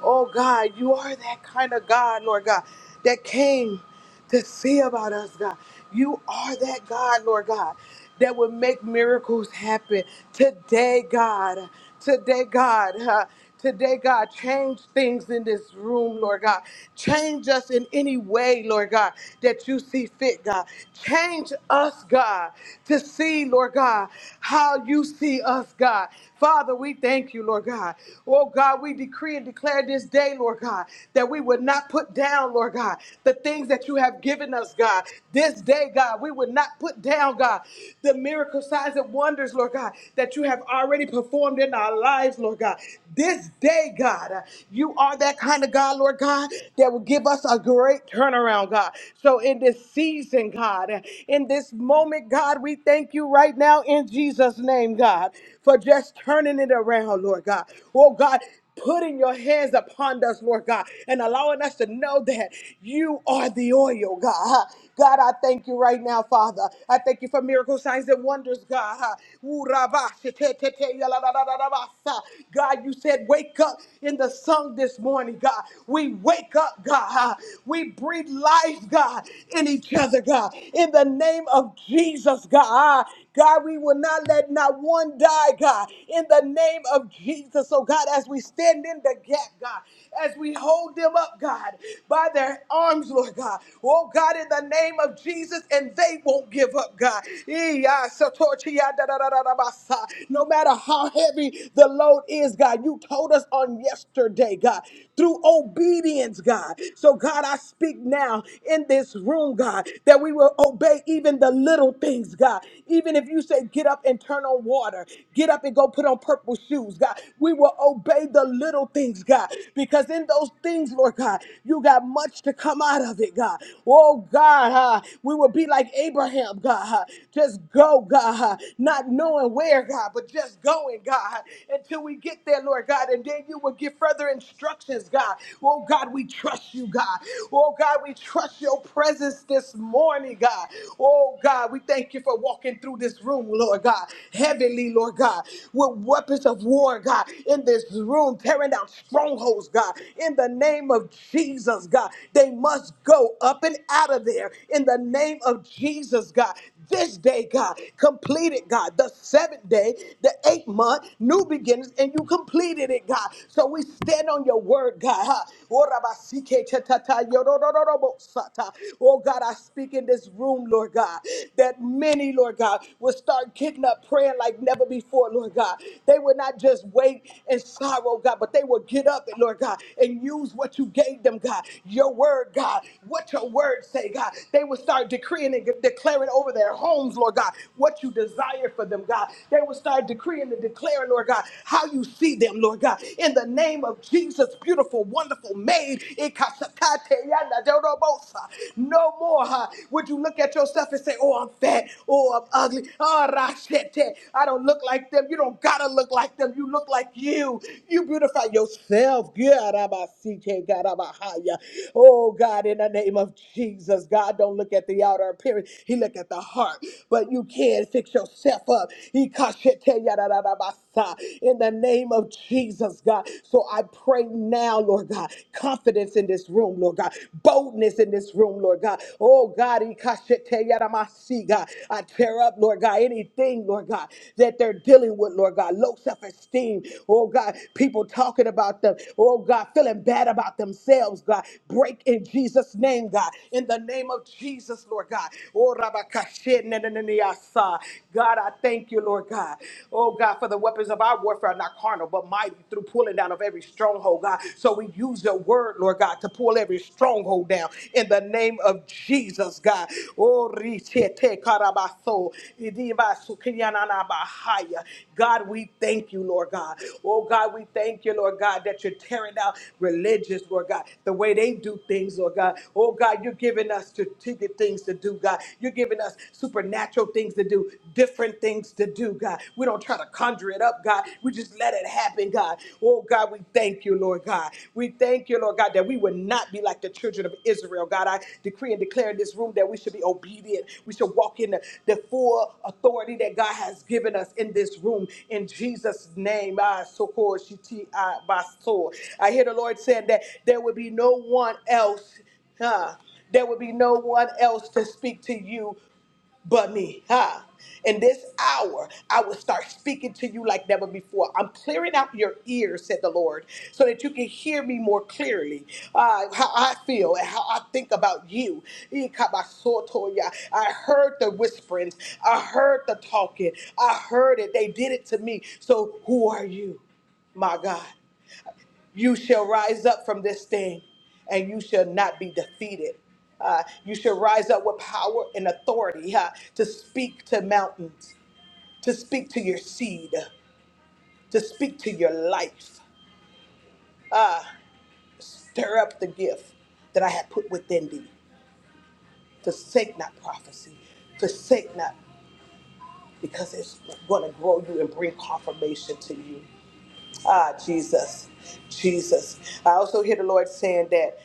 S4: Oh, God, you are that kind of God, Lord God, that came to see about us, God. You are that God, Lord God, that would make miracles happen today, God. Today, God. huh? Today, God, change things in this room, Lord God. Change us in any way, Lord God, that you see fit, God. Change us, God, to see, Lord God, how you see us, God. Father, we thank you, Lord God. Oh, God, we decree and declare this day, Lord God, that we would not put down, Lord God, the things that you have given us, God. This day, God, we would not put down, God, the miracle signs and wonders, Lord God, that you have already performed in our lives, Lord God. God. This day, God, uh, you are that kind of God, Lord God, that will give us a great turnaround, God. So in this season, God, uh, in this moment, God, we thank you right now in Jesus' name, God, for just turning it around, Lord God. Oh, God putting your hands upon us, Lord God, and allowing us to know that you are the oil, God. God, I thank you right now, Father. I thank you for miracle signs and wonders, God. Ooh, rabba, she, te, te, te, ya, la, la, la, la, la, ba, sa. God, you said, wake up in the sun this morning, God. We wake up, God. We breathe life, God, in each other, God. In the name of Jesus, God. God, we will not let not one die, God in the name of Jesus. So, God, as we stand in the gap, God, as we hold them up, God, by their arms, Lord God, oh God, in the name of Jesus, and they won't give up, God. Ee, ah, satochi, ah, da, da, da, da, da, ba, sa. No matter how heavy the load is, God, you told us on yesterday, God through obedience, God. So, God, I speak now in this room, God, that we will obey even the little things, God. Even if you say, get up and turn on water, get up and go put on purple shoes, God, we will obey the little things, God, because in those things, Lord God, you got much to come out of it, God. Oh, God, huh? we will be like Abraham, God. huh? Just go, God, huh? not knowing where, God, but just going, God, until we get there, Lord God, and then you will give further instructions, God. Oh, God, we trust you, God. Oh, God, we trust your presence this morning, God. Oh, God, we thank you for walking through this room, Lord God. Heavenly, Lord God, with weapons of war, God, in this room, tearing down strongholds, God. In the name of Jesus, God, they must go up and out of there in the name of Jesus, God this day, God. Complete it, God. The seventh day, the eighth month, new beginnings, and you completed it, God. So we stand on your word, God. huh? Oh, God, I speak in this room, Lord God, that many, Lord God, will start getting up praying like never before, Lord God. They will not just wait in sorrow, God, but they will get up, and Lord God, and use what you gave them, God. Your word, God. What your word say, God. They will start decreeing and declaring over their their homes, Lord God, what you desire for them, God. They will start decreeing and declaring, Lord God, how you see them, Lord God. In the name of Jesus, beautiful, wonderful maid, Ikasakate yanda dorobosa. no more huh, would you look at yourself and say, Oh, I'm fat, oh, I'm ugly, oh, rashete. I don't look like them. You don't gotta look like them. You look like you. You beautify yourself. Garabasite, garabahaya. Oh, God, in the name of Jesus, God don't look at the outer appearance. He look at the your heart, but you can fix yourself up. Ikasheteyarararabasa. In the name of Jesus, God. So I pray now, Lord God, confidence in this room, Lord God, boldness in this room, Lord God. Oh God, ikasheteyaramasi, God. I tear up, Lord God, anything, Lord God, that they're dealing with, Lord God. Low self-esteem. Oh God, people talking about them. Oh God, feeling bad about themselves, God. Break in Jesus' name, God. In the name of Jesus, Lord God. God, I thank you, Lord God. Oh, God, for the weapons of our warfare are not carnal, but mighty through pulling down of every stronghold, God. So we use your word, Lord God, to pull every stronghold down in the name of Jesus, God. Oh, richete karabaso, idibasu kinyananabahaya. God, we thank you, Lord God. Oh, God, we thank you, Lord God, that you're tearing out religious, Lord God, the way they do things, Lord God. Oh, God, you're giving us strategic things to do, God. You're giving us supernatural things to do, different things to do, God. We don't try to conjure it up, God. We just let it happen, God. Oh, God, we thank you, Lord God. We thank you, Lord. Lord God, that we would not be like the children of Israel. God, I decree and declare in this room that we should be obedient. We should walk in the, the full authority that God has given us in this room. In Jesus' name, I so call Shiti, I by soul. I hear the Lord saying that there will be no one else. Huh? There will be no one else to speak to you but me. Huh? In this hour, I will start speaking to you like never before. I'm clearing out your ears, said the Lord, so that you can hear me more clearly. Uh, how I feel and how I think about you. Ikabasotoya. I heard the whisperings, I heard the talking, I heard it. They did it to me. So who are you, my God? You shall rise up from this thing, and you shall not be defeated. Uh, you shall rise up with power and authority uh, to speak to mountains, to speak to your seed, to speak to your life. Stir up the gift that I have put within thee. Forsake not prophecy. Forsake not, because it's going to grow you and bring confirmation to you. Ah, Jesus, Jesus. I also hear the Lord saying that.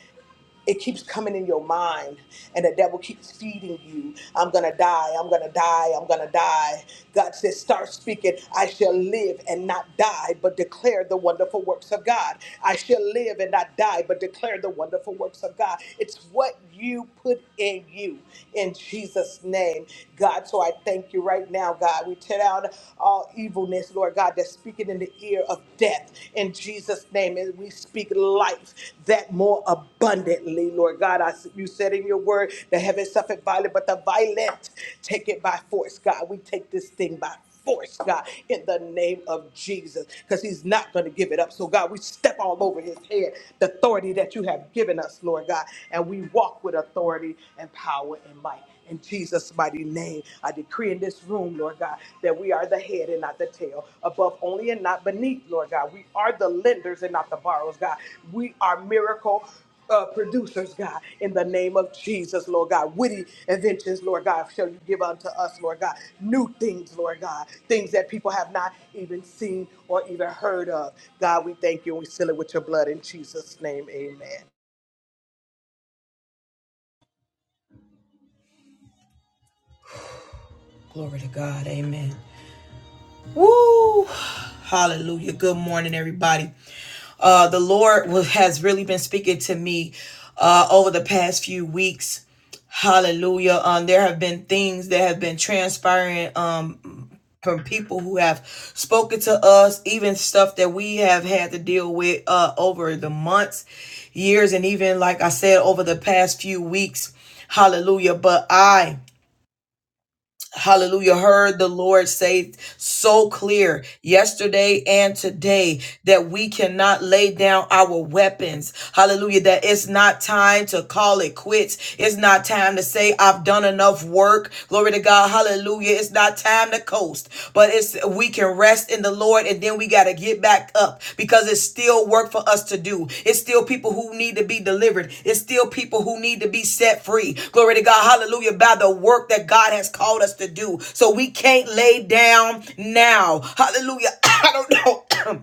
S4: it keeps coming in your mind and the devil keeps feeding you i'm gonna die i'm gonna die i'm gonna die god says start speaking i shall live and not die but declare the wonderful works of god i shall live and not die but declare the wonderful works of god it's what you put in you in jesus name God. So I thank you right now, God. We tear down all evilness, Lord God, that's speaking in the ear of death in Jesus' name. And we speak life that more abundantly, Lord God. I, you said in your word, the heavens suffered violent, but the violent take it by force, God. We take this thing by force, God, in the name of Jesus, because he's not going to give it up. So, God, we step all over his head, the authority that you have given us, Lord God, and we walk with authority and power and might. In Jesus' mighty name, I decree in this room, Lord God, that we are the head and not the tail, above only and not beneath, Lord God. We are the lenders and not the borrowers, God. We are miracle uh, producers, God, in the name of Jesus, Lord God. Witty inventions, Lord God, shall you give unto us, Lord God. New things, Lord God. Things that people have not even seen or even heard of. God, we thank you and we seal it with your blood in Jesus' name. Amen.
S1: Glory to God. Amen. Woo! Hallelujah. Good morning, everybody. Uh, the Lord was, has really been speaking to me uh, over the past few weeks. Hallelujah. Um, there have been things that have been transpiring um, from people who have spoken to us, even stuff that we have had to deal with uh, over the months, years, and even, like I said, over the past few weeks. Hallelujah. But I Hallelujah. Heard the Lord say so clear yesterday and today that we cannot lay down our weapons. Hallelujah. That it's not time to call it quits. It's not time to say, I've done enough work. Glory to God. Hallelujah. It's not time to coast, but it's we can rest in the Lord and then we got to get back up because it's still work for us to do. It's still people who need to be delivered. It's still people who need to be set free. Glory to God. Hallelujah. By the work that God has called us to do. So we can't lay down now. Hallelujah. I don't know.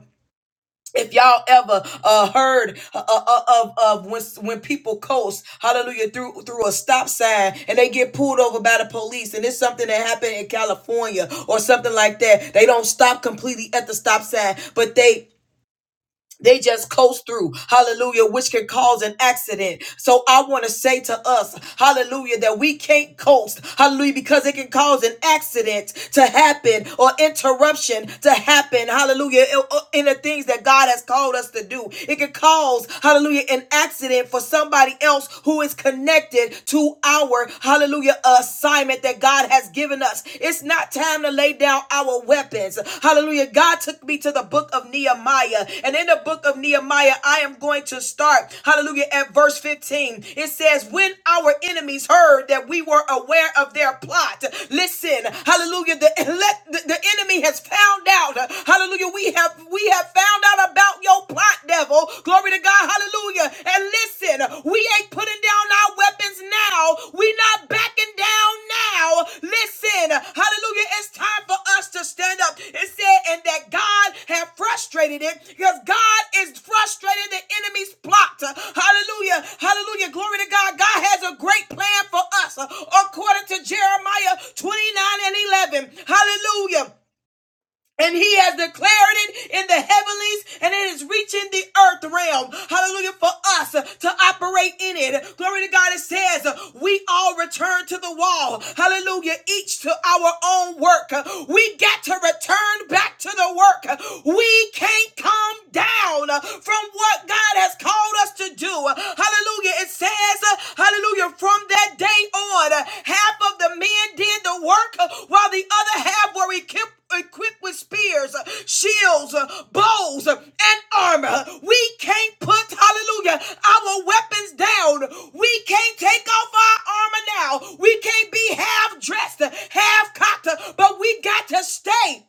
S1: if y'all ever uh, heard uh, uh, of of when when people coast, hallelujah, through through a stop sign and they get pulled over by the police, and it's something that happened in California or something like that. They don't stop completely at the stop sign, but they they just coast through, hallelujah, which can cause an accident. So I want to say to us, hallelujah, that we can't coast, hallelujah, because it can cause an accident to happen or interruption to happen, hallelujah, in the things that God has called us to do. It can cause, hallelujah, an accident for somebody else who is connected to our, hallelujah, assignment that God has given given us. It's not time to lay down our weapons. Hallelujah. God took me to the book of Nehemiah. And in the book of Nehemiah, I am going to start, hallelujah, at verse 15. It says, When our enemies heard that we were aware of their plot, listen, hallelujah, the, let, the, the enemy has found out, hallelujah, we have, we have found out about your plot, devil. Glory to God, hallelujah. And listen, we ain't putting down our weapons now. We not backing down now. Listen, hallelujah. It's time for us to stand up. It said, and that God had frustrated it because God is frustrating the enemy's plot. Hallelujah. Hallelujah. Glory to God. God has a great plan for us according to Jeremiah 29 and 11. Hallelujah. And he has declared it in the heavenlies and it is reaching the earth realm. Hallelujah for us to operate in it. Glory to God. It says we all return to the wall. Hallelujah. Each to our own work. We got to return back to the work. We can't come down from what God has called us to do. Hallelujah. It says says, uh, hallelujah, from that day on, uh, half of the men did the work uh, while the other half were equipped. Equipped with spears, uh, shields, uh, bows, uh, and armor. We can't put, hallelujah, our weapons down. We can't take off our armor now. We can't be half dressed, uh, half cocked, uh, but we got to stay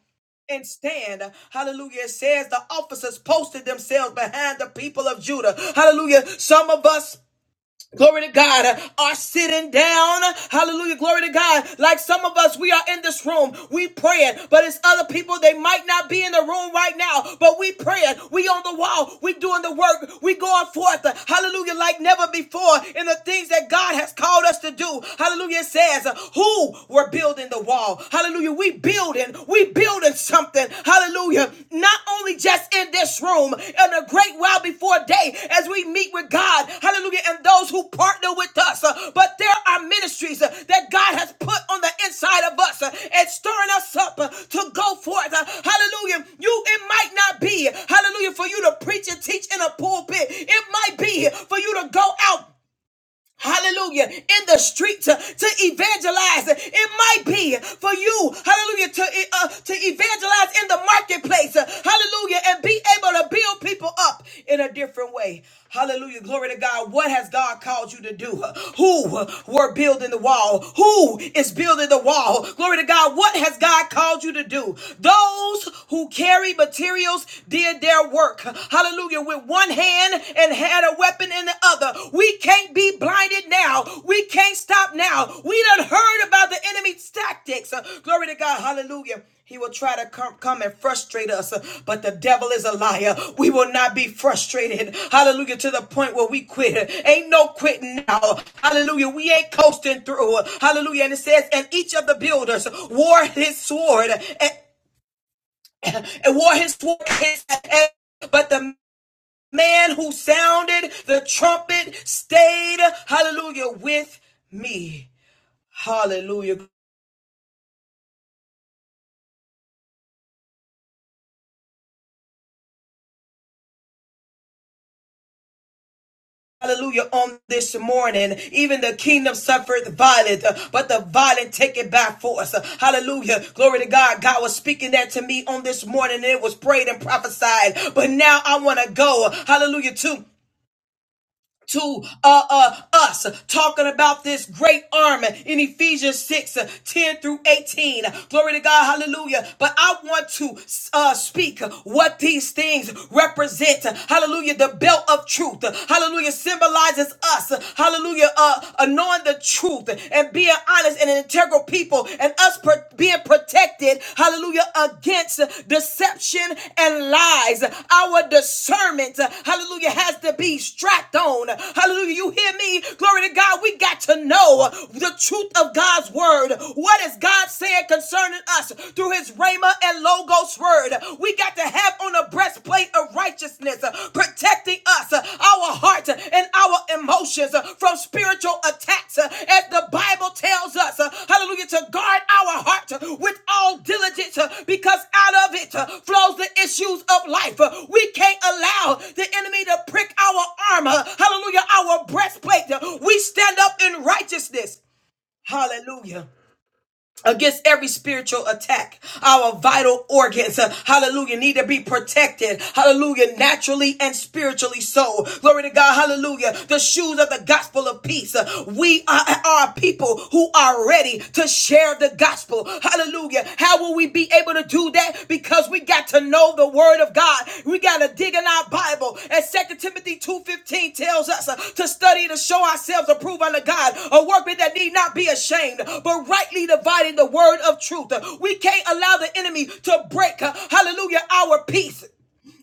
S1: and stand. Hallelujah. It says the officers posted themselves behind the people of Judah. Hallelujah. Some of us. Glory to God, uh, are sitting down. Hallelujah. Glory to God. Like some of us, we are in this room. We praying, but it's other people. They might not be in the room right now, but we praying. We on the wall. We doing the work. We going forth. Hallelujah. Like never before in the things that God has called us to do. Hallelujah. It says, uh, who were building the wall. Hallelujah. We building. We building something. Hallelujah. Not only just in this room, in a great while before day as we meet with God. Hallelujah. And those who partner with us. Uh, But there are ministries uh, that God has put on the inside of us uh, and stirring us up uh, to go forth. Uh, Hallelujah. You, it might not be, hallelujah, for you to preach and teach in a pulpit. It might be for you to go out Hallelujah. In the street to, to evangelize. It might be for you. Hallelujah. To, eh, uh, to evangelize in the marketplace. Uh, Hallelujah. And be able to build people up in a different way. Hallelujah. Glory to God. What has God called you to do? Who were building the wall? Who is building the wall? Glory to God. What has God called you to do? Those who carry materials did their work. Hallelujah with one hand and had a weapon in the other. We can't be blinded now. We can't stop now. We done heard about the enemy's tactics. Uh, glory to God, hallelujah. He will try to come, come and frustrate us, uh, but the devil is a liar. We will not be frustrated. Hallelujah. To the point where we quit. Ain't no quitting now. Hallelujah. We ain't coasting through. Hallelujah. And it says, and each of the builders wore his sword and, and wore his sword but the man who sounded the trumpet stayed, hallelujah, with me. Hallelujah. Hallelujah. On this morning, even the kingdom suffered violent, uh, but the violent take it by force. Uh, Hallelujah. Glory to God. God was speaking that to me on this morning and it was prayed and prophesied. But now I want to go. Hallelujah. To to uh, uh, us talking about this great army in Ephesians 6 uh, 10 through 18. Glory to God, hallelujah. But I want to uh, speak what these things represent. Hallelujah. The belt of truth, hallelujah, symbolizes us, hallelujah, uh, uh, knowing the truth and being honest and an integral people and us pursuing being protected, hallelujah, against deception and lies. Our discernment, hallelujah, has to be strapped on. Hallelujah, you hear me? Glory to God, we got to know the truth of God's word. What is God saying concerning us through his Rhema and Logos word? We got to have on a breastplate of righteousness uh, protecting us, uh, our heart uh, and our emotions uh, from spiritual attacks, uh, as the Bible tells us, uh, hallelujah, to guard our heart uh, with all diligence, uh, because out of it uh, flows the issues of life. Uh, We can't allow the enemy to prick our armor, hallelujah, our breastplate. Uh, We stand up in righteousness, hallelujah against every spiritual attack. Our vital organs, uh, hallelujah, need to be protected, hallelujah, naturally and spiritually so. Glory to God, hallelujah. The shoes of the gospel of peace. Uh, We are, are people who are ready to share the gospel, hallelujah. How will we be able to do do that because we got to know the word of God. We got to dig in our Bible. And Second Timothy 2.15 tells us uh, to study to show ourselves approved unto God, a workman that need not be ashamed, but rightly dividing the word of truth. We can't allow the enemy to break, uh, hallelujah, our peace.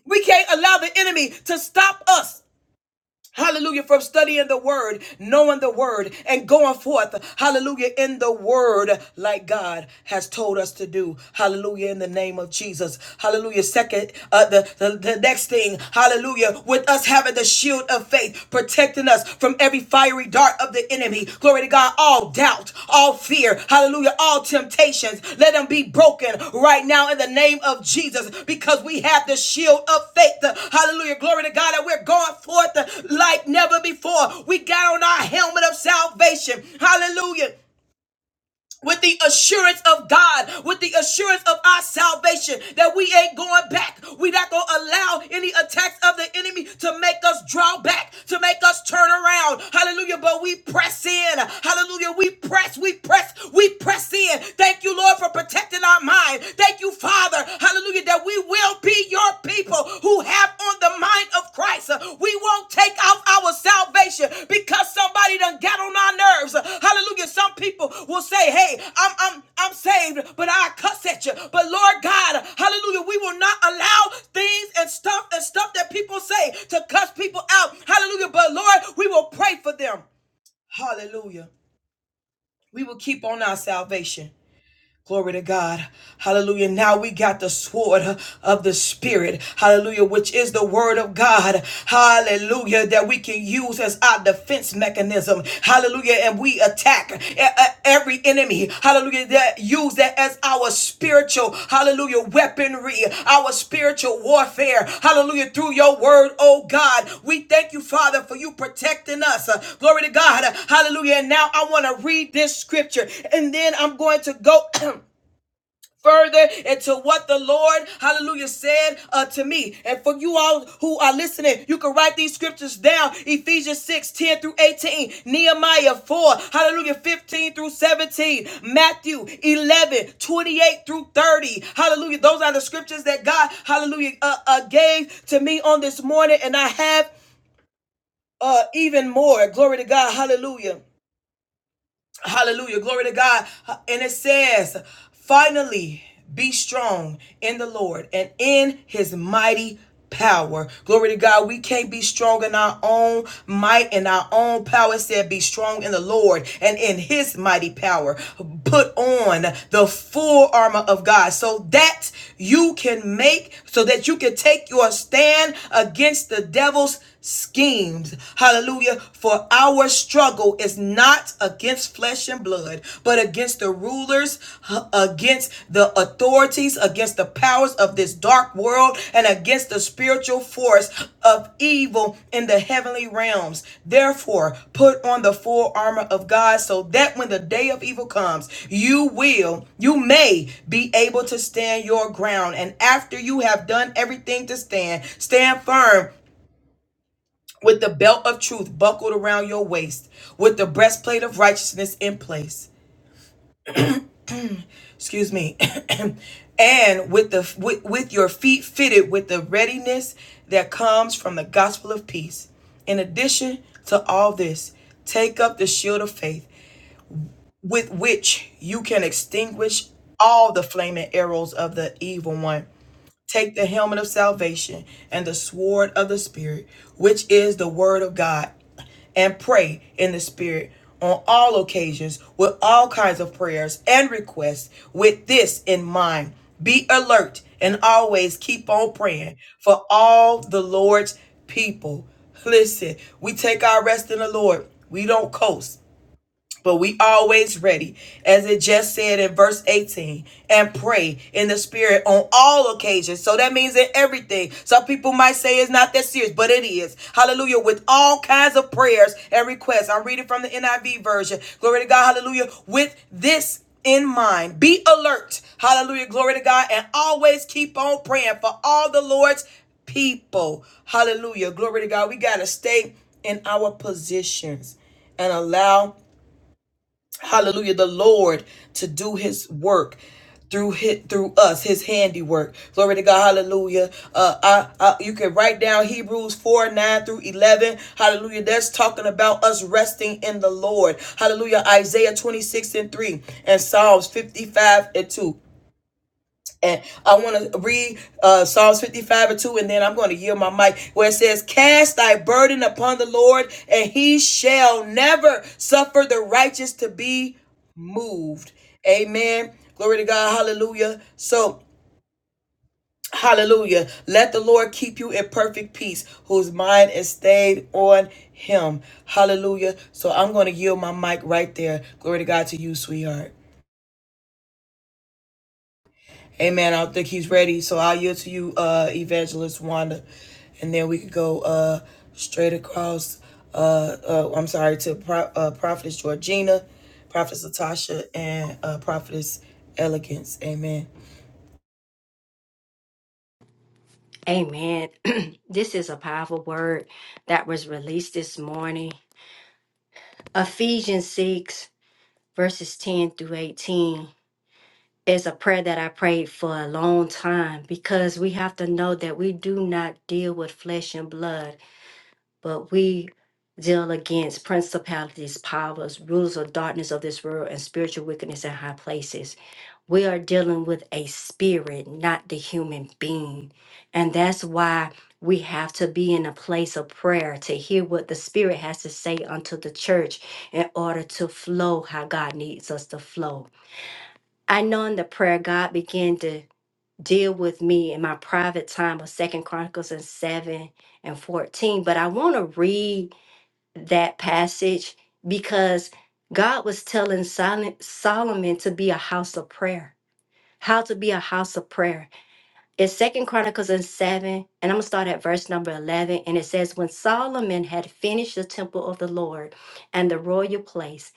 S1: We can't allow the enemy to stop us Hallelujah. From studying the word, knowing the word, and going forth. Hallelujah. In the word, like God has told us to do. Hallelujah. In the name of Jesus. Hallelujah. Second, uh, the, the, the next thing. Hallelujah. With us having the shield of faith, protecting us from every fiery dart dart of the enemy. Glory to God. All doubt, all fear, hallelujah, all temptations, let them be broken right now in the name of Jesus because we have the shield of faith. Hallelujah. Glory to God that we're going forth like never before. We got on our helmet of salvation. Hallelujah with the assurance of God, with the assurance of our salvation, that we ain't going back. We not gonna allow any attacks of the enemy to make us draw back, to make us turn around. Hallelujah. But we press in. Hallelujah. We press, we press, we press in. Thank you, Lord, for protecting our mind. Thank you, Father. Hallelujah. That we will be your people who have on the mind of Christ. Uh, We won't take off our salvation because somebody done got on our nerves. Uh, Hallelujah. Some people will say, Hey, I'm I'm I'm saved, but I cuss at you. But Lord God, hallelujah, we will not allow things and stuff and stuff that people say to cuss people out. Hallelujah. But Lord, we will pray for them. Hallelujah. We will keep on our salvation. Glory to God. Hallelujah. Now we got the sword of the Spirit. Hallelujah. Which is the word of God. Hallelujah. That we can use as our defense mechanism. Hallelujah. And we attack e- e- every enemy. Hallelujah. That use that as our spiritual, hallelujah, weaponry, our spiritual warfare. Hallelujah. Through your word, oh God. We thank you, Father, for you protecting us. Uh, Glory to God. Hallelujah. And now I want to read this scripture and then I'm going to go. further into what the Lord, hallelujah, said uh, to me. And for you all who are listening, you can write these scriptures down Ephesians 6 10 through 18, Nehemiah 4, hallelujah, 15 through 17, Matthew 11 28 through 30. Hallelujah. Those are the scriptures that God, hallelujah, uh, uh, gave to me on this morning. And I have uh, even more. Glory to God. Hallelujah. Hallelujah. Glory to God. And it says, finally, be strong in the Lord and in his mighty power. Glory to God. We can't be strong in our own might and our own power. It said, be strong in the Lord and in his mighty power. Put on the full armor of God so that you can make, so that you can take your stand against the devil's schemes. Hallelujah. For our struggle is not against flesh and blood, but against the rulers, against the authorities, against the powers of this dark world, and against the spiritual force of evil in the heavenly realms. Therefore, put on the full armor of God so that when the day of evil comes, you will, you may be able to stand your ground. And after you have done everything to stand, stand firm with the belt of truth buckled around your waist, with the breastplate of righteousness in place. Excuse me. and with the with, with your feet fitted with the readiness that comes from the gospel of peace. In addition to all this, take up the shield of faith with which you can extinguish all the flaming arrows of the evil one. Take the helmet of salvation and the sword of the Spirit, which is the word of God, and pray in the Spirit on all occasions with all kinds of prayers and requests. With this in mind, be alert and always keep on praying for all the Lord's people. Listen, we take our rest in the Lord, we don't coast. But we always ready, as it just said in verse 18, and pray in the spirit on all occasions. So that means in everything. Some people might say it's not that serious, but it is. Hallelujah. With all kinds of prayers and requests. I'm reading from the NIV version. Glory to God. Hallelujah. With this in mind. Be alert. Hallelujah. Glory to God. And always keep on praying for all the Lord's people. Hallelujah. Glory to God. We got to stay in our positions and allow hallelujah the lord to do his work through his, through us his handiwork glory to god hallelujah uh I, I you can write down hebrews 4 9 through 11 hallelujah that's talking about us resting in the lord hallelujah isaiah 26 and 3 and psalms 55 and 2 and I want to read uh, Psalms 55 and 2, and then I'm going to yield my mic where it says, Cast thy burden upon the Lord, and he shall never suffer the righteous to be moved. Amen. Glory to God. Hallelujah. So, hallelujah. Let the Lord keep you in perfect peace, whose mind is stayed on him. Hallelujah. So, I'm going to yield my mic right there. Glory to God to you, sweetheart. Amen. I don't think he's ready. So I'll yield to you, uh, Evangelist Wanda. And then we could go uh, straight across, uh, uh, I'm sorry, to Pro- uh, Prophetess Georgina, Prophetess Latasha, and uh, Prophetess Elegance. Amen.
S3: Amen. This is a powerful word that was released this morning. Ephesians 6, verses 10 through 18 is a prayer that I prayed for a long time because we have to know that we do not deal with flesh and blood, but we Zeal against principalities, powers, rulers of darkness of this world, and spiritual wickedness in high places. We are dealing with a spirit, not the human being. And that's why we have to be in a place of prayer to hear what the Spirit has to say unto the church in order to flow how God needs us to flow. I know in the prayer, God began to deal with me in my private time of Second Chronicles and 7 and 14, but I want to read that passage because God was telling Sol- Solomon to be a house of prayer. How to be a house of prayer. It's Second Chronicles and 7, and I'm gonna start at verse number 11. And it says, When Solomon had finished the temple of the Lord and the royal place,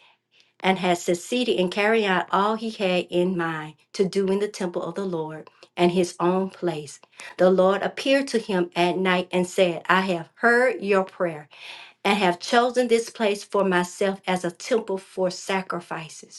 S3: and had succeeded in carrying out all he had in mind to do in the temple of the Lord and his own place, the Lord appeared to him at night and said, I have heard your prayer and have chosen this place for myself as a temple for sacrifices.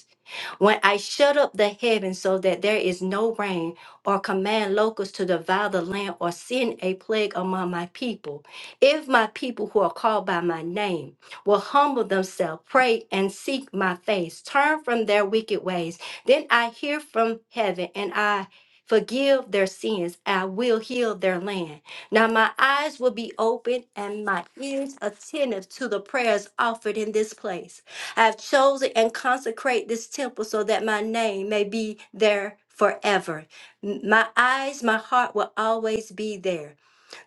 S3: When I shut up the heavens so that there is no rain, or command locusts to devour the land, or send a plague among my people. If my people who are called by my name will humble themselves, pray, and seek my face, turn from their wicked ways, then I hear from heaven and I forgive their sins. I will heal their land. Now my eyes will be open and my ears attentive to the prayers offered in this place. I have chosen and consecrate this temple so that my name may be there forever. M- My eyes, my heart will always be there.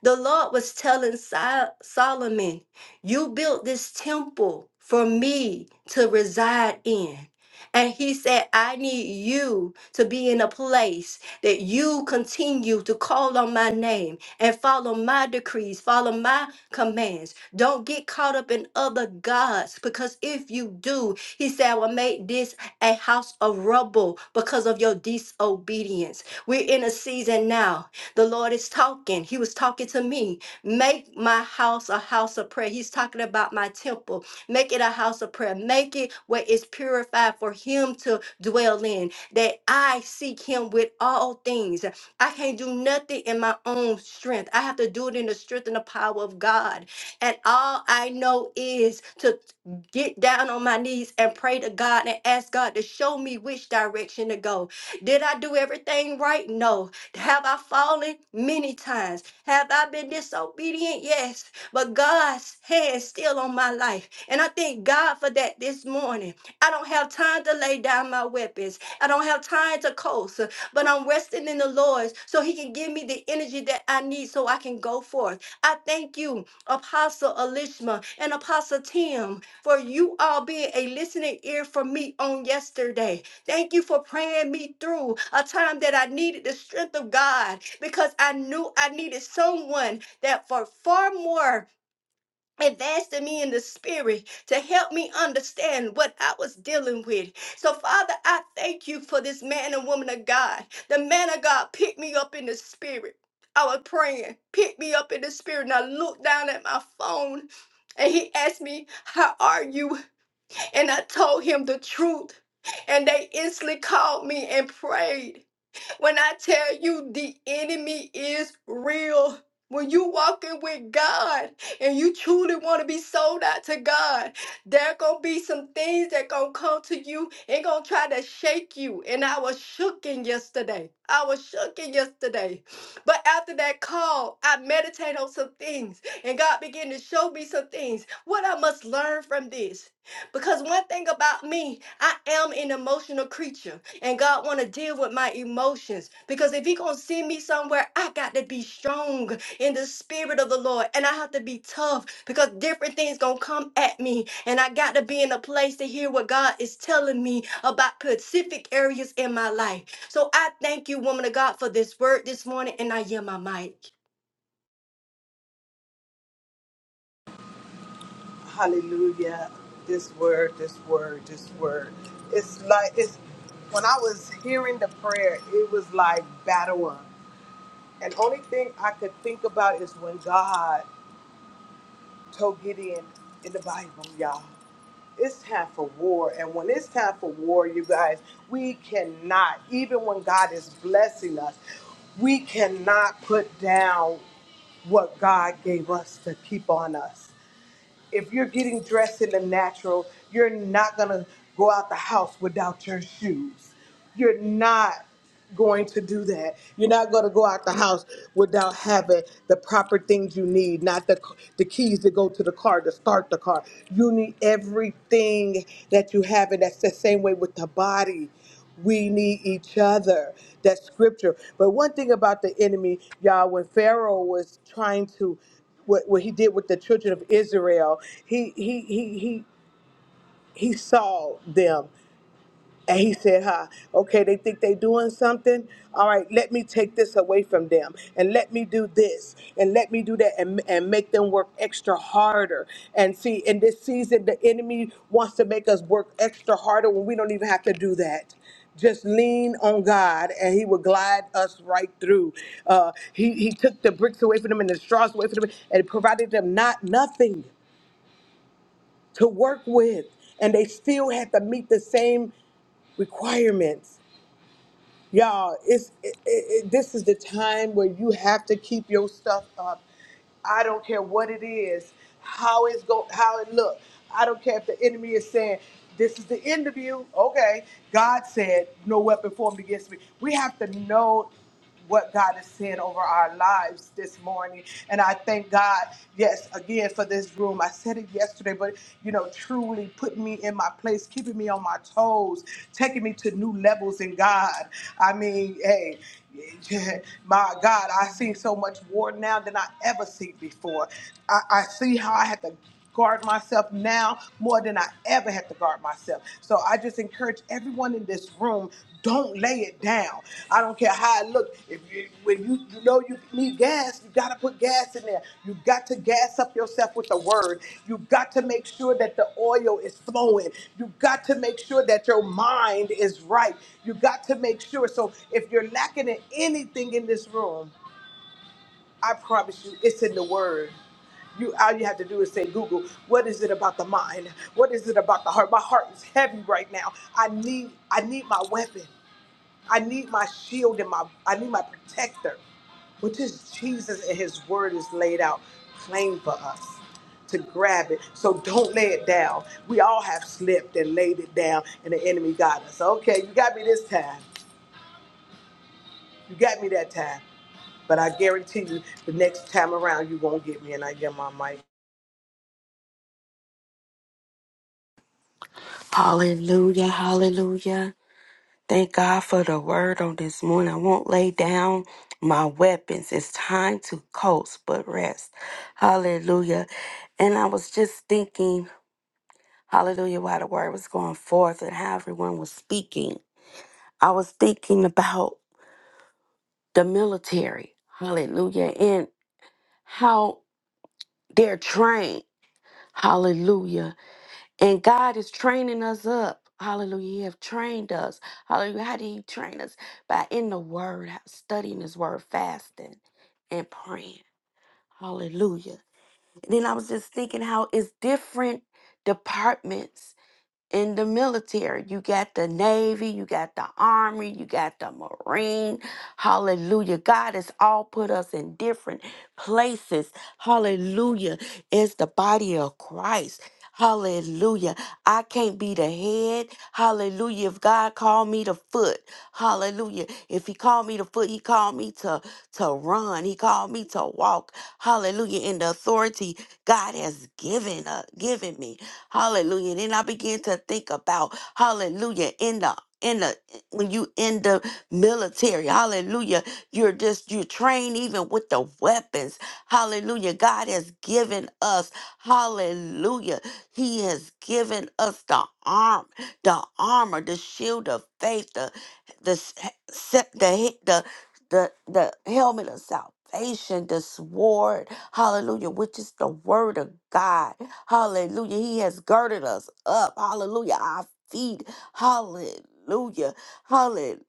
S3: The Lord was telling Sol- Solomon, You built this temple for me to reside in. And he said, I need you to be in a place that you continue to call on my name and follow my decrees, follow my commands. Don't get caught up in other gods because if you do, he said, I will make this a house of rubble because of your disobedience. We're in a season now the Lord is talking. He was talking to me. Make my house a house of prayer. He's talking about my temple. Make it a house of prayer. Make it where it's purified for Him to dwell in, that I seek Him with all things. I can't do nothing in my own strength. I have to do it in the strength and the power of God. And all I know is to get down on my knees and pray to God and ask God to show me which direction to go. Did I do everything right? No. Have I fallen? Many times. Have I been disobedient? Yes. But God's hand is still on my life. And I thank God for that this morning. I don't have time to lay down my weapons. I don't have time to coast, but I'm resting in the Lord so he can give me the energy that I need so I can go forth. I thank you, Apostle Elishma and Apostle Tim, for you all being a listening ear for me on yesterday. Thank you for praying me through a time that I needed the strength of God because I knew I needed someone that for far more advanced than me in the spirit to help me understand what I was dealing with. So Father, I thank you for this man and woman of God. The man of God picked me up in the spirit. I was praying, picked me up in the spirit, and I looked down at my phone and he asked me, How are you? and I told him the truth. And they instantly called me and prayed. When I tell you the enemy is real. When you walking with God and you truly want to be sold out to God, there gonna be some things that gonna come to you and gonna try to shake you. And I was shooken yesterday. I was shooken yesterday. But after that call, I meditate on some things and God began to show me some things. What I must learn from this. Because one thing about me, I am an emotional creature and God want to deal with my emotions because if he going to send me somewhere I got to be strong in the spirit of the Lord and I have to be tough because different things going to come at me and I got to be in a place to hear what God is telling me about specific areas in my life. So I thank you woman of God for this word this morning and I yield my mic.
S4: Hallelujah. This word, this word, this word. It's like, it's, when I was hearing the prayer, it was like battle on. And only thing I could think about is when God told Gideon in the Bible, y'all. It's time for war. And when it's time for war, you guys, we cannot, even when God is blessing us, we cannot put down what God gave us to keep on us if you're getting dressed in the natural, you're not going to go out the house without your shoes. You're not going to do that. You're not going to go out the house without having the proper things you need, not the the keys to go to the car to start the car. You need everything that you have and that's the same way with the body. We need each other. That's scripture. But one thing about the enemy, y'all, when Pharaoh was trying to, what, what he did with the children of Israel, he he he he he saw them. And he said, huh, okay, they think they doing something. All right, let me take this away from them and let me do this and let me do that and, and make them work extra harder. And see, in this season, the enemy wants to make us work extra harder when we don't even have to do that. Just lean on God and he will glide us right through. Uh, he, he took the bricks away from them and the straws away from them and provided them not nothing to work with. And they still had to meet the same requirements. Y'all, it's it, it, it- this is the time where you have to keep your stuff up. I don't care what it is, how it's go, how it look. I don't care if the enemy is saying this is the end of you. Okay, God said, no weapon formed against me. We have to know what God is saying over our lives this morning. And I thank God, yes, again for this room. I said it yesterday, but you know, truly putting me in my place, keeping me on my toes, taking me to new levels in God. I mean, hey. My God, I see so much more now than I ever see before. I, I see how I had to guard myself now more than I ever had to guard myself. So I just encourage everyone in this room, don't lay it down. I don't care how it looks. If you, when you, you know you need gas, you got to put gas in there. You got to gas up yourself with the word. You got to make sure that the oil is flowing. You got to make sure that your mind is right. You got to make sure. So if you're lacking in anything in this room, I promise you, it's in the Word. You all you have to do is say, Google, what is it about the mind? What is it about the heart? My heart is heavy right now. I need I need my weapon. I need my shield and my I need my protector. Which is Jesus and his word is laid out plain for us to grab it. So don't lay it down. We all have slipped and laid it down and the enemy got us. Okay, you got me this time. You got me that time. But I guarantee you, the next time around, you won't get me, and I get my mic.
S5: Hallelujah, hallelujah. Thank God for the word on this morning. I won't lay down my weapons. It's time to coast but rest. Hallelujah. And I was just thinking, hallelujah, while the word was going forth and how everyone was speaking. I was thinking about the military. Hallelujah. And how they're trained. Hallelujah And God is training us up. Hallelujah. He have trained us. Hallelujah. How did he train us? By in the word, studying his word, fasting and praying. Hallelujah. And then I was just thinking how it's different departments in the military. You got the Navy, you got the Army, you got the Marine. Hallelujah. God has all put us in different places. Hallelujah. It's the body of Christ. Hallelujah. I can't be the head. Hallelujah. If God called me the foot. Hallelujah. If he called me the foot, he called me to, to run. He called me to walk. Hallelujah. In the authority God has given uh, given me. Hallelujah. Then I began to think about hallelujah in the in the when you in the military, hallelujah, you're just you train even with the weapons. Hallelujah. God has given us, hallelujah. He has given us the arm, the armor, the shield of faith, the the s- se- the he- the the, the helmet of salvation, the sword, hallelujah, which is the word of God. Hallelujah. He has girded us up. Hallelujah. Our feet. Hallelujah. Hallelujah.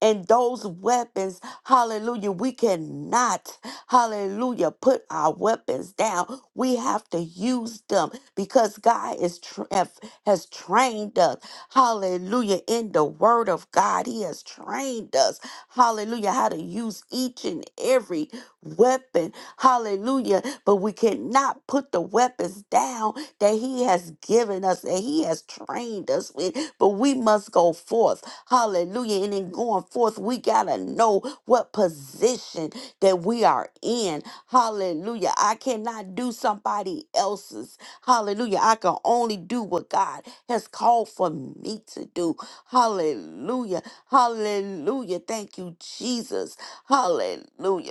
S5: And those weapons, hallelujah, we cannot, hallelujah, put our weapons down. We have to use them because God is tra- have- has trained us, hallelujah, in the word of God. He has trained us, hallelujah, how to use each and every weapon Hallelujah. But we cannot put the weapons down that He has given us, that He has trained us with. But we must go forth. Hallelujah. And in going forth, we got to know what position that we are in. Hallelujah. I cannot do somebody else's. Hallelujah. I can only do what God has called for me to do. Hallelujah. Hallelujah. Thank you, Jesus. Hallelujah.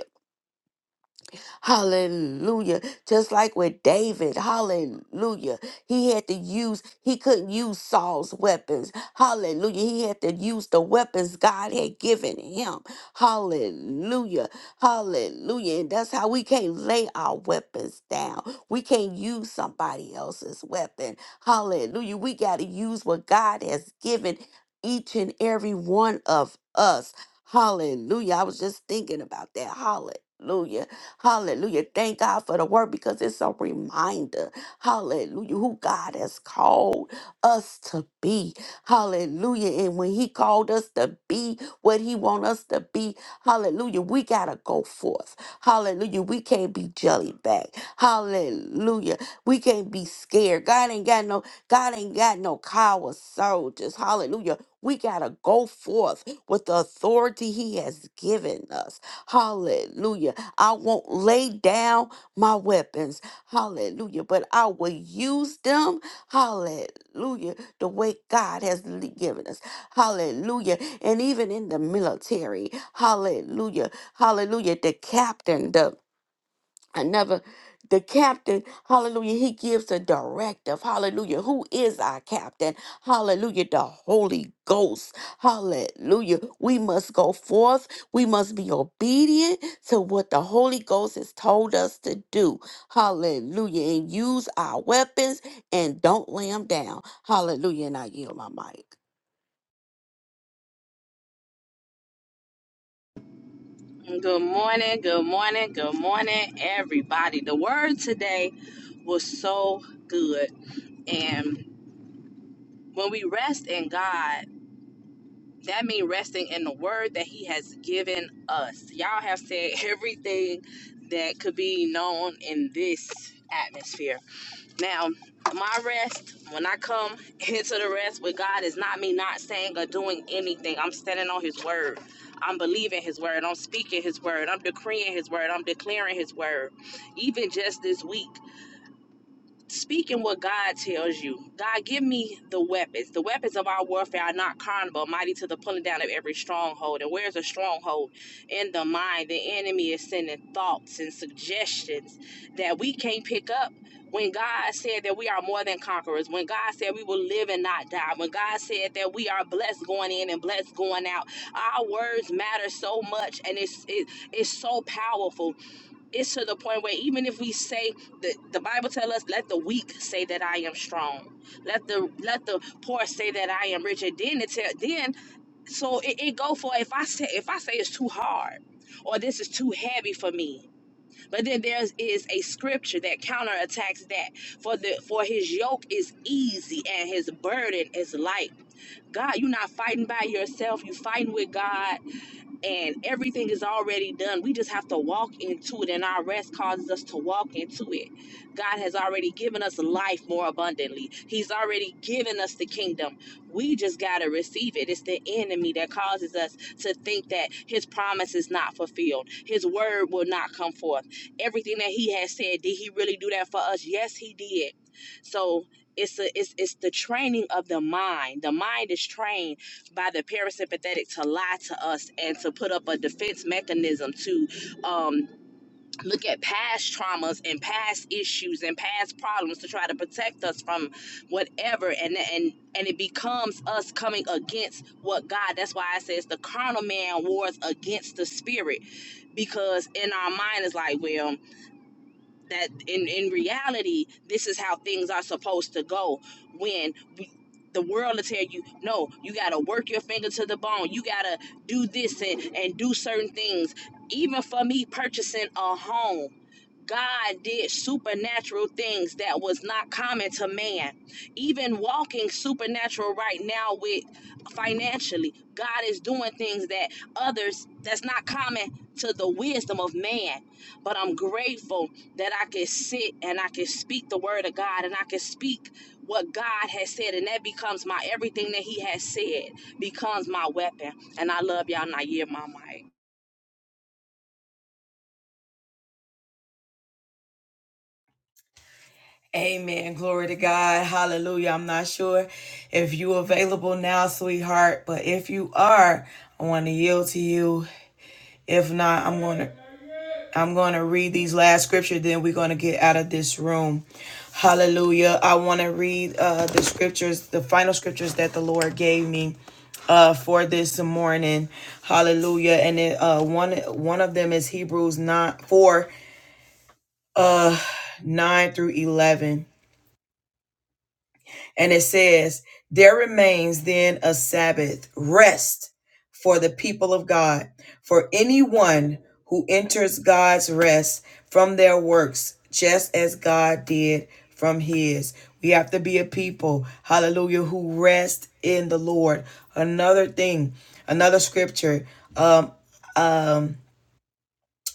S5: Hallelujah. Just like with David. Hallelujah. He had to use, he couldn't use Saul's weapons. Hallelujah. He had to use the weapons God had given him. Hallelujah. Hallelujah. And that's how we can't lay our weapons down. We can't use somebody else's weapon. Hallelujah. We got to use what God has given each and every one of us. Hallelujah. I was just thinking about that. Hallelujah. Hallelujah. Thank God for the word because it's a reminder. Hallelujah. Who God has called us to be. Hallelujah. And when he called us to be what he want us to be, hallelujah, we got to go forth. Hallelujah. We can't be jelly back. Hallelujah. We can't be scared. God ain't got no God ain't got no coward soldiers. Hallelujah. We got to go forth with the authority he has given us. Hallelujah. I won't lay down my weapons. Hallelujah. But I will use them. Hallelujah. The way God has le- given us. Hallelujah. And even in the military. Hallelujah. Hallelujah. The captain, another the captain hallelujah he gives a directive hallelujah who is our captain hallelujah the holy ghost hallelujah we must go forth we must be obedient to what the holy ghost has told us to do hallelujah and use our weapons and don't lay them down hallelujah and i yield my mic
S6: Good morning, good morning, good morning, everybody. The word today was so good. And when we rest in God, that means resting in the word that He has given us. Y'all have said everything that could be known in this atmosphere. Now, my rest, when I come into the rest with God, is not me not saying or doing anything. I'm standing on His word. I'm believing His word. I'm speaking His word. I'm decreeing His word. I'm declaring His word. Even just this week speaking what God tells you. God, give me the weapons. The weapons of our warfare are not carnal, but mighty to the pulling down of every stronghold. And where's a stronghold? In the mind. The enemy is sending thoughts and suggestions that we can't pick up. When God said that we are more than conquerors, when God said we will live and not die, when God said that we are blessed going in and blessed going out, our words matter so much and it's it, it's so powerful it's to the point where even if we say the the Bible tell us let the weak say that I am strong, let the let the poor say that I am rich, and then it tell then so it, it go for if I say if I say it's too hard or this is too heavy for me, but then there is a scripture that counterattacks that for the for his yoke is easy and his burden is light. God, you're not fighting by yourself. You fighting with God and everything is already done. We just have to walk into it, and our rest causes us to walk into it. God has already given us life more abundantly, He's already given us the kingdom. We just got to receive it. It's the enemy that causes us to think that His promise is not fulfilled, His word will not come forth. Everything that He has said, did He really do that for us? Yes, He did. So, it's, a, it's, it's the training of the mind. The mind is trained by the parasympathetic to lie to us and to put up a defense mechanism to um, look at past traumas and past issues and past problems to try to protect us from whatever and and and it becomes us coming against what God that's why I says the carnal man wars against the spirit because in our mind is like well that in in reality this is how things are supposed to go when we, the world will tell you no you gotta work your finger to the bone you gotta do this and and do certain things even for me purchasing a home God did supernatural things that was not common to man. Even walking supernatural right now with financially, God is doing things that others that's not common to the wisdom of man but I'm grateful that I can sit and I can speak the word of God and I can speak what God has said, and that becomes my everything that He has said becomes my weapon. And I love y'all, and I hear my mic.
S1: Amen. Glory to God. Hallelujah. I'm not sure if you available now, sweetheart, but if you are, I want to yield to you. If not, I'm going to. I'm going to read these last scriptures. then we're going to get out of this room. Hallelujah. I want to read uh, the scriptures, the final scriptures that the Lord gave me uh, for this morning. Hallelujah. And it, uh, one one of them is Hebrews 9 4, uh, 9 through 11. And it says, There remains then a Sabbath rest for the people of God. For anyone who enters God's rest from their works, just as God did from his. We have to be a people, hallelujah, who rest in the Lord. Another thing, another scripture. Um, um.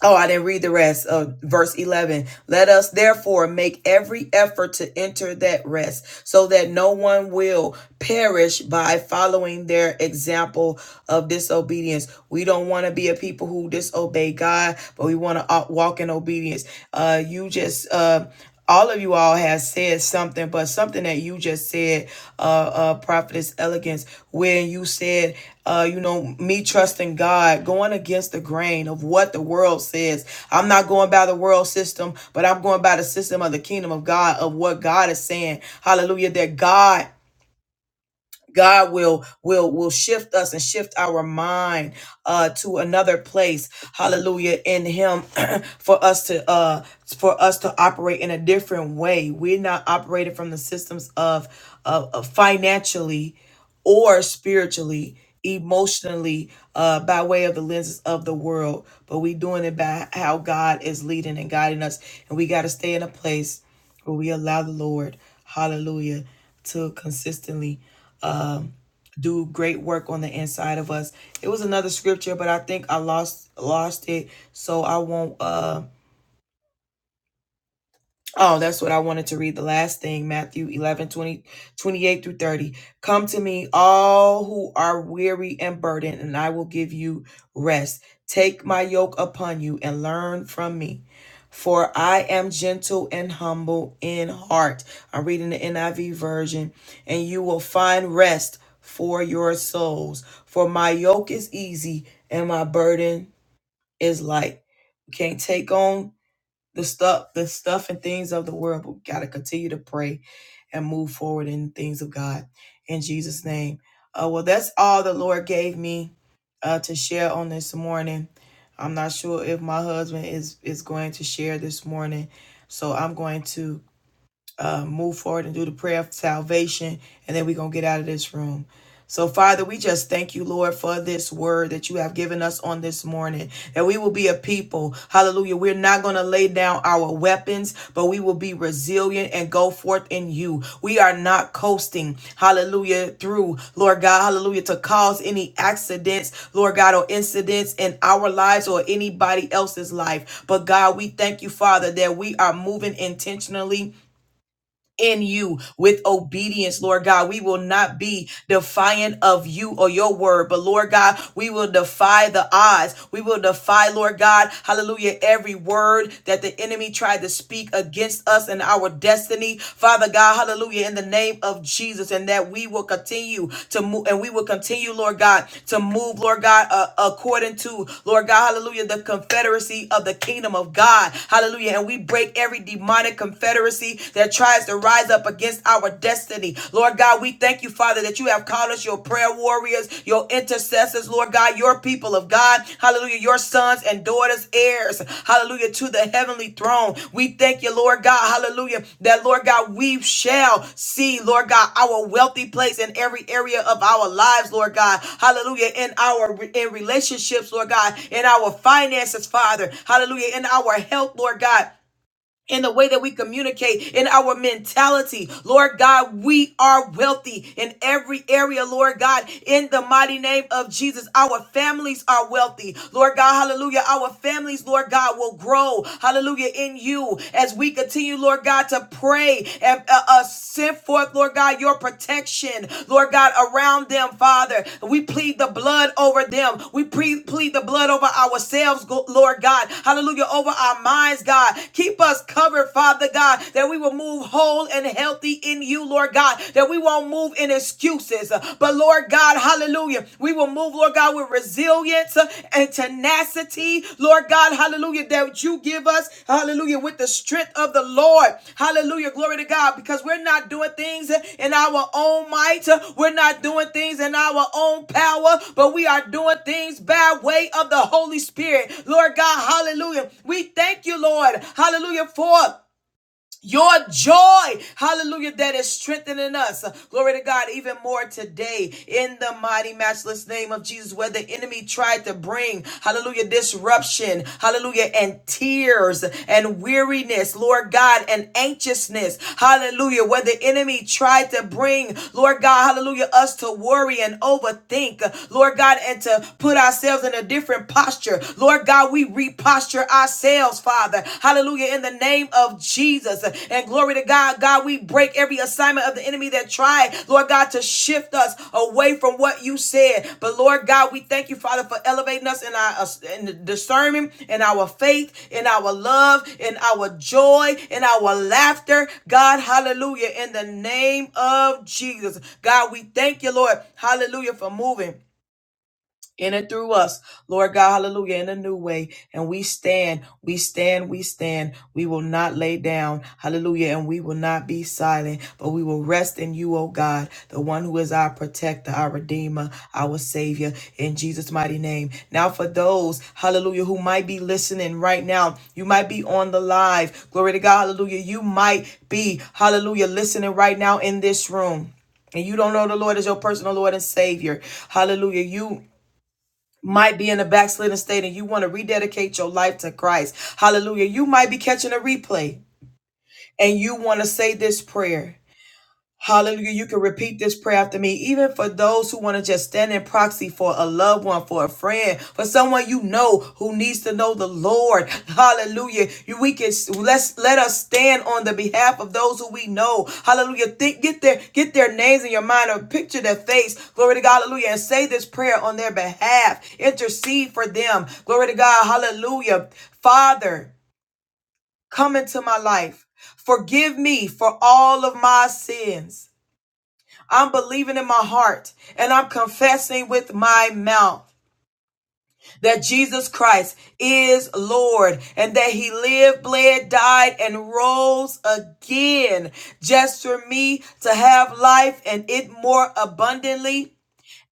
S1: Oh, I didn't read the rest of verse 11. Let us therefore make every effort to enter that rest so that no one will perish by following their example of disobedience. We don't want to be a people who disobey God, but we want to walk in obedience. Uh, you just, uh, all of you all have said something, but something that you just said, uh, uh, prophetess elegance, when you said, uh, you know, me trusting God, going against the grain of what the world says. I'm not going by the world system, but I'm going by the system of the kingdom of God, of what God is saying. Hallelujah. That God God will will will shift us and shift our mind uh to another place. Hallelujah in him for us to uh for us to operate in a different way. We're not operating from the systems of of, of financially or spiritually, emotionally, uh, by way of the lenses of the world, but we doing it by how God is leading and guiding us. And we got to stay in a place where we allow the Lord, hallelujah, to consistently um, do great work on the inside of us. It was another scripture, but I think I lost lost it, so I won't. Uh, Oh, that's what I wanted to read. The last thing, Matthew 11 20 28 through 30. Come to me, all who are weary and burdened, and I will give you rest. Take my yoke upon you and learn from me, for I am gentle and humble in heart. I'm reading the NIV version, and you will find rest for your souls. For my yoke is easy and my burden is light. We can't take on the stuff the stuff and things of the world but we gotta continue to pray and move forward in the things of god in jesus name uh, well that's all the lord gave me uh, to share on this morning i'm not sure if my husband is is going to share this morning so i'm going to uh, move forward and do the prayer of salvation, and then we're going to get out of this room. So, Father, we just thank you, Lord, for this word that you have given us on this morning, that we will be a people. Hallelujah. We're not going to lay down our weapons, but we will be resilient and go forth in you. We are not coasting, hallelujah, through, Lord God, hallelujah, to cause any accidents, Lord God, or incidents in our lives or anybody else's life. But, God, we thank you, Father, that we are moving intentionally in you with obedience, Lord God. We will not be defiant of you or your word, but Lord God, we will defy the odds. We will defy, Lord God, hallelujah, every word that the enemy tried to speak against us and our destiny. Father God, hallelujah, in the name of Jesus, and that we will continue to move and we will continue, Lord God, to move, Lord God, uh, according to, Lord God, hallelujah, the confederacy of the kingdom of God. Hallelujah. And we break every demonic confederation confederacy that tries to rise up against our destiny. Lord God, we thank you, Father, that you have called us your prayer warriors, your intercessors, Lord God, your people of God. Hallelujah, your sons and daughters, heirs. Hallelujah, to the heavenly throne. We thank you, Lord God. Hallelujah, that Lord God, we shall see, Lord God, our wealthy place in every area of our lives, Lord God. Hallelujah, in our in relationships, Lord God, in our finances, Father. Hallelujah, in our health, Lord God in the way that we communicate, in our mentality. Lord God, we are wealthy in every area, Lord God, in the mighty name of Jesus. Our families are wealthy, Lord God, hallelujah. Our families, Lord God, will grow, hallelujah, in you as we continue, Lord God, to pray and uh, uh, send forth, Lord God, your protection protection, Lord God, around them, Father. We plead the blood over them. We pre- plead the blood over ourselves, Lord God. Hallelujah. Over our minds, God. Keep us covered, Father God, that we will move whole and healthy in you, Lord God, that we won't move in excuses. But, Lord God, hallelujah. We will move, Lord God, with resilience and and tenacity, Lord God, hallelujah, that you give us, hallelujah, with the strength of the Lord, hallelujah, glory to God, because we're not doing things in our own might, we're not doing things in our own power, but we are doing things by way of the Holy Spirit, Lord God, hallelujah. We thank you, Lord, hallelujah, for. Your joy, hallelujah, that is strengthening us. Glory to God, even more today in the mighty, matchless name of Jesus, where the enemy tried to bring, hallelujah, disruption, hallelujah, and tears and weariness, Lord God, and anxiousness, hallelujah, where the enemy tried to bring, Lord God, hallelujah, us to worry and overthink, Lord God, and to put ourselves in a different posture. Lord God, we reposture ourselves, Father. Hallelujah. In the name of Jesus. And glory to God. God, we break every assignment of the enemy that tried, Lord God, to shift us away from what you said. But Lord God, we thank you, Father, for elevating us in our in discernment, in our faith, in our love, in our joy, in our laughter. God, hallelujah. In the name of Jesus. God, we thank you, Lord. Hallelujah for moving in and through us, Lord God, hallelujah, in a new way. And we stand, we stand, we stand. We will not lay down, hallelujah, and we will not be silent, but we will rest in you, oh God, the one who is our protector, our redeemer, our savior, in Jesus' mighty name. Now, for those, hallelujah, who might be listening right now, you might be on the live, glory to God, hallelujah, you might be, hallelujah, listening right now in this room and you don't know the Lord as your personal Lord and Savior, hallelujah. You might be in a backslidden state and you want to rededicate your life to Christ. Hallelujah. You might be catching a replay and you want to say this prayer. Hallelujah. You can repeat this prayer after me. Even for those who want to just stand in proxy for a loved one, for a friend, for someone you know who needs to know the Lord. Hallelujah. You- We can let's let us stand on the behalf of those who we know. Hallelujah. Think get their get their names in your mind or picture their face. Glory to God. Hallelujah. And say this prayer on their behalf. Intercede for them. Glory to God. Hallelujah. Father, come into my life. Forgive me for all of my sins. I'm believing in my heart and I'm confessing with my mouth that Jesus Christ is Lord and that he lived, bled, died, and rose again just for me to have life and it more abundantly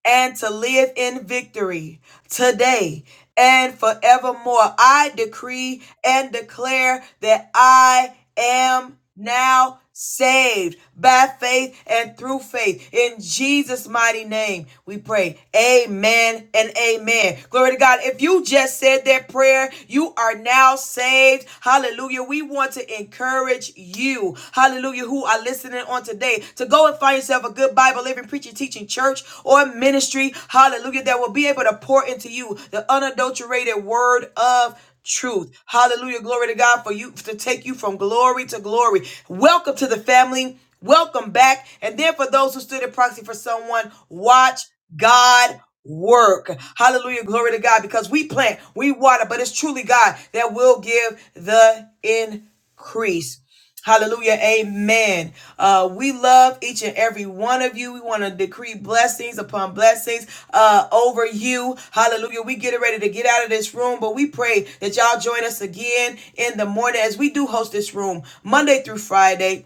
S1: and to live in victory today and forevermore. I decree and declare that I am now saved by faith and through faith in Jesus mighty name we pray amen and amen glory to God if you just said that prayer you are now saved hallelujah we want to encourage encourage you, hallelujah, who are listening on today to go and find yourself a good Bible, living, preaching, teaching church or ministry, hallelujah, that will be able to pour into you the unadulterated word of truth. Hallelujah. Glory to God for you to take you from glory to glory. Welcome to the family. Welcome back. And then for those who stood in proxy for someone, watch God work. Hallelujah. Glory to God because we plant, we water, but it's truly God that will give the increase increase. Hallelujah. Amen. Uh, we love each and every one of you. We want to decree blessings upon blessings uh, over you. Hallelujah. We get ready to get out of this room, but we pray that y'all join us again in the morning as we do host this room Monday through Friday.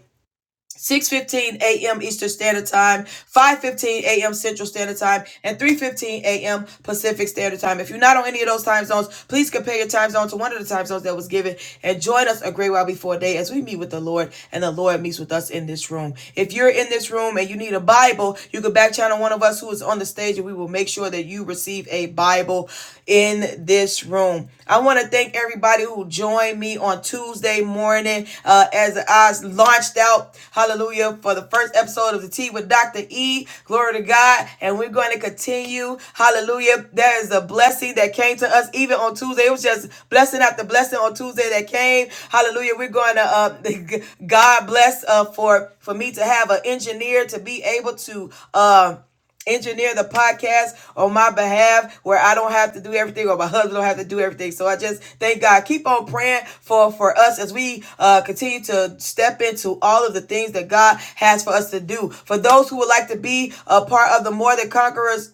S1: 6:15 a.m. Eastern Standard Time, 5:15 a.m. Central Standard Time, and 3:15 a.m. Pacific Standard Time. If you're not on any of those time zones, please compare your time zone to one of the time zones that was given and join us a great while before day as we meet with the Lord and the Lord meets with us in this room. If you're in this room and you need a Bible, you can back channel one of us who is on the stage and we will make sure that you receive a Bible. Bible in this room. I want to thank everybody who joined me on Tuesday morning uh, as I launched out, hallelujah, for the first episode of The Tea with Dr. E. Glory to God. And we're going to continue, hallelujah. There is a blessing that came to us even on Tuesday. It was just blessing after blessing on Tuesday that came. Hallelujah. We're going to, uh, God bless uh, for, for me to have an engineer to be able to. Uh, engineer the podcast on my behalf where I don't have to do everything or my husband don't have to do everything. So I just thank God. Keep on praying for, for us as we uh, continue to step into all of the things that God has for us to do. For those who would like to be a part of the More Than Conquerors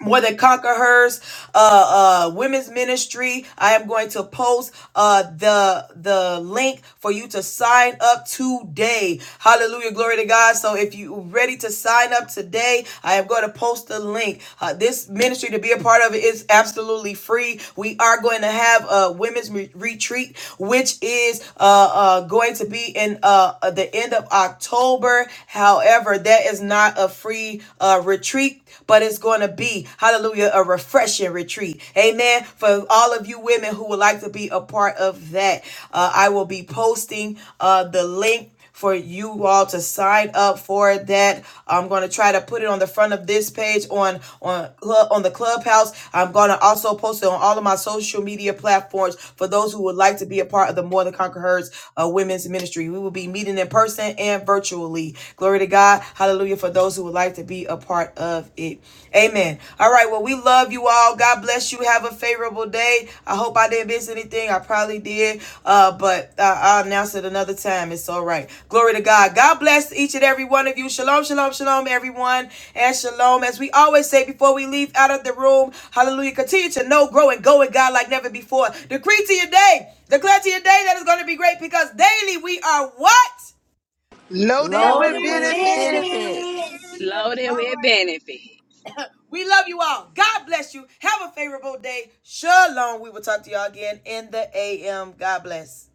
S1: more than conquerors uh uh women's ministry i am going to post uh the the link for you to sign up today hallelujah glory to god so if you are ready to sign up today i am going to post the link uh, this ministry to be a part of it is absolutely free we are going to have a women's re- retreat which is uh uh going to be in uh uh, the end of october however that is not a free uh retreat retreat, but it's going to be, hallelujah, a refreshing retreat. Amen. For all of you women who would like to be a part of that, uh, I will be posting uh, the link for you all to sign up for that. I'm going to try to put it on the front of this page on on on the clubhouse. I'm going to also post it on all of my social media platforms for those who would like to be a part of the More Than Conquerors uh, Women's Ministry. We will be meeting in person and virtually. Glory to God. God. Hallelujah. For those who would like to be a part of it. Amen. All right. Well, we love you all. God bless you. Have a favorable day. I hope I didn't miss anything. I probably did. Uh, but uh, I'll announce it another time. It's all right. Glory to God. God bless each and every one of you. Shalom, shalom, shalom, everyone. And shalom. As we always say before we leave out of the room, hallelujah. Continue to know, grow, and go with God like never before. Decree to your day. Declare to your day that it's going to be great because daily we are what?
S4: Loaded with
S5: loaded
S1: Only
S3: Totally
S5: with
S1: with
S4: benefits.
S5: benefits
S3: baby.
S1: benefits.
S6: Loaded
S1: All
S6: with
S1: right.
S6: benefits.
S1: We love you all. God bless you. Have a favorable day. Shalom. We will talk to y'all again in the AM. God bless.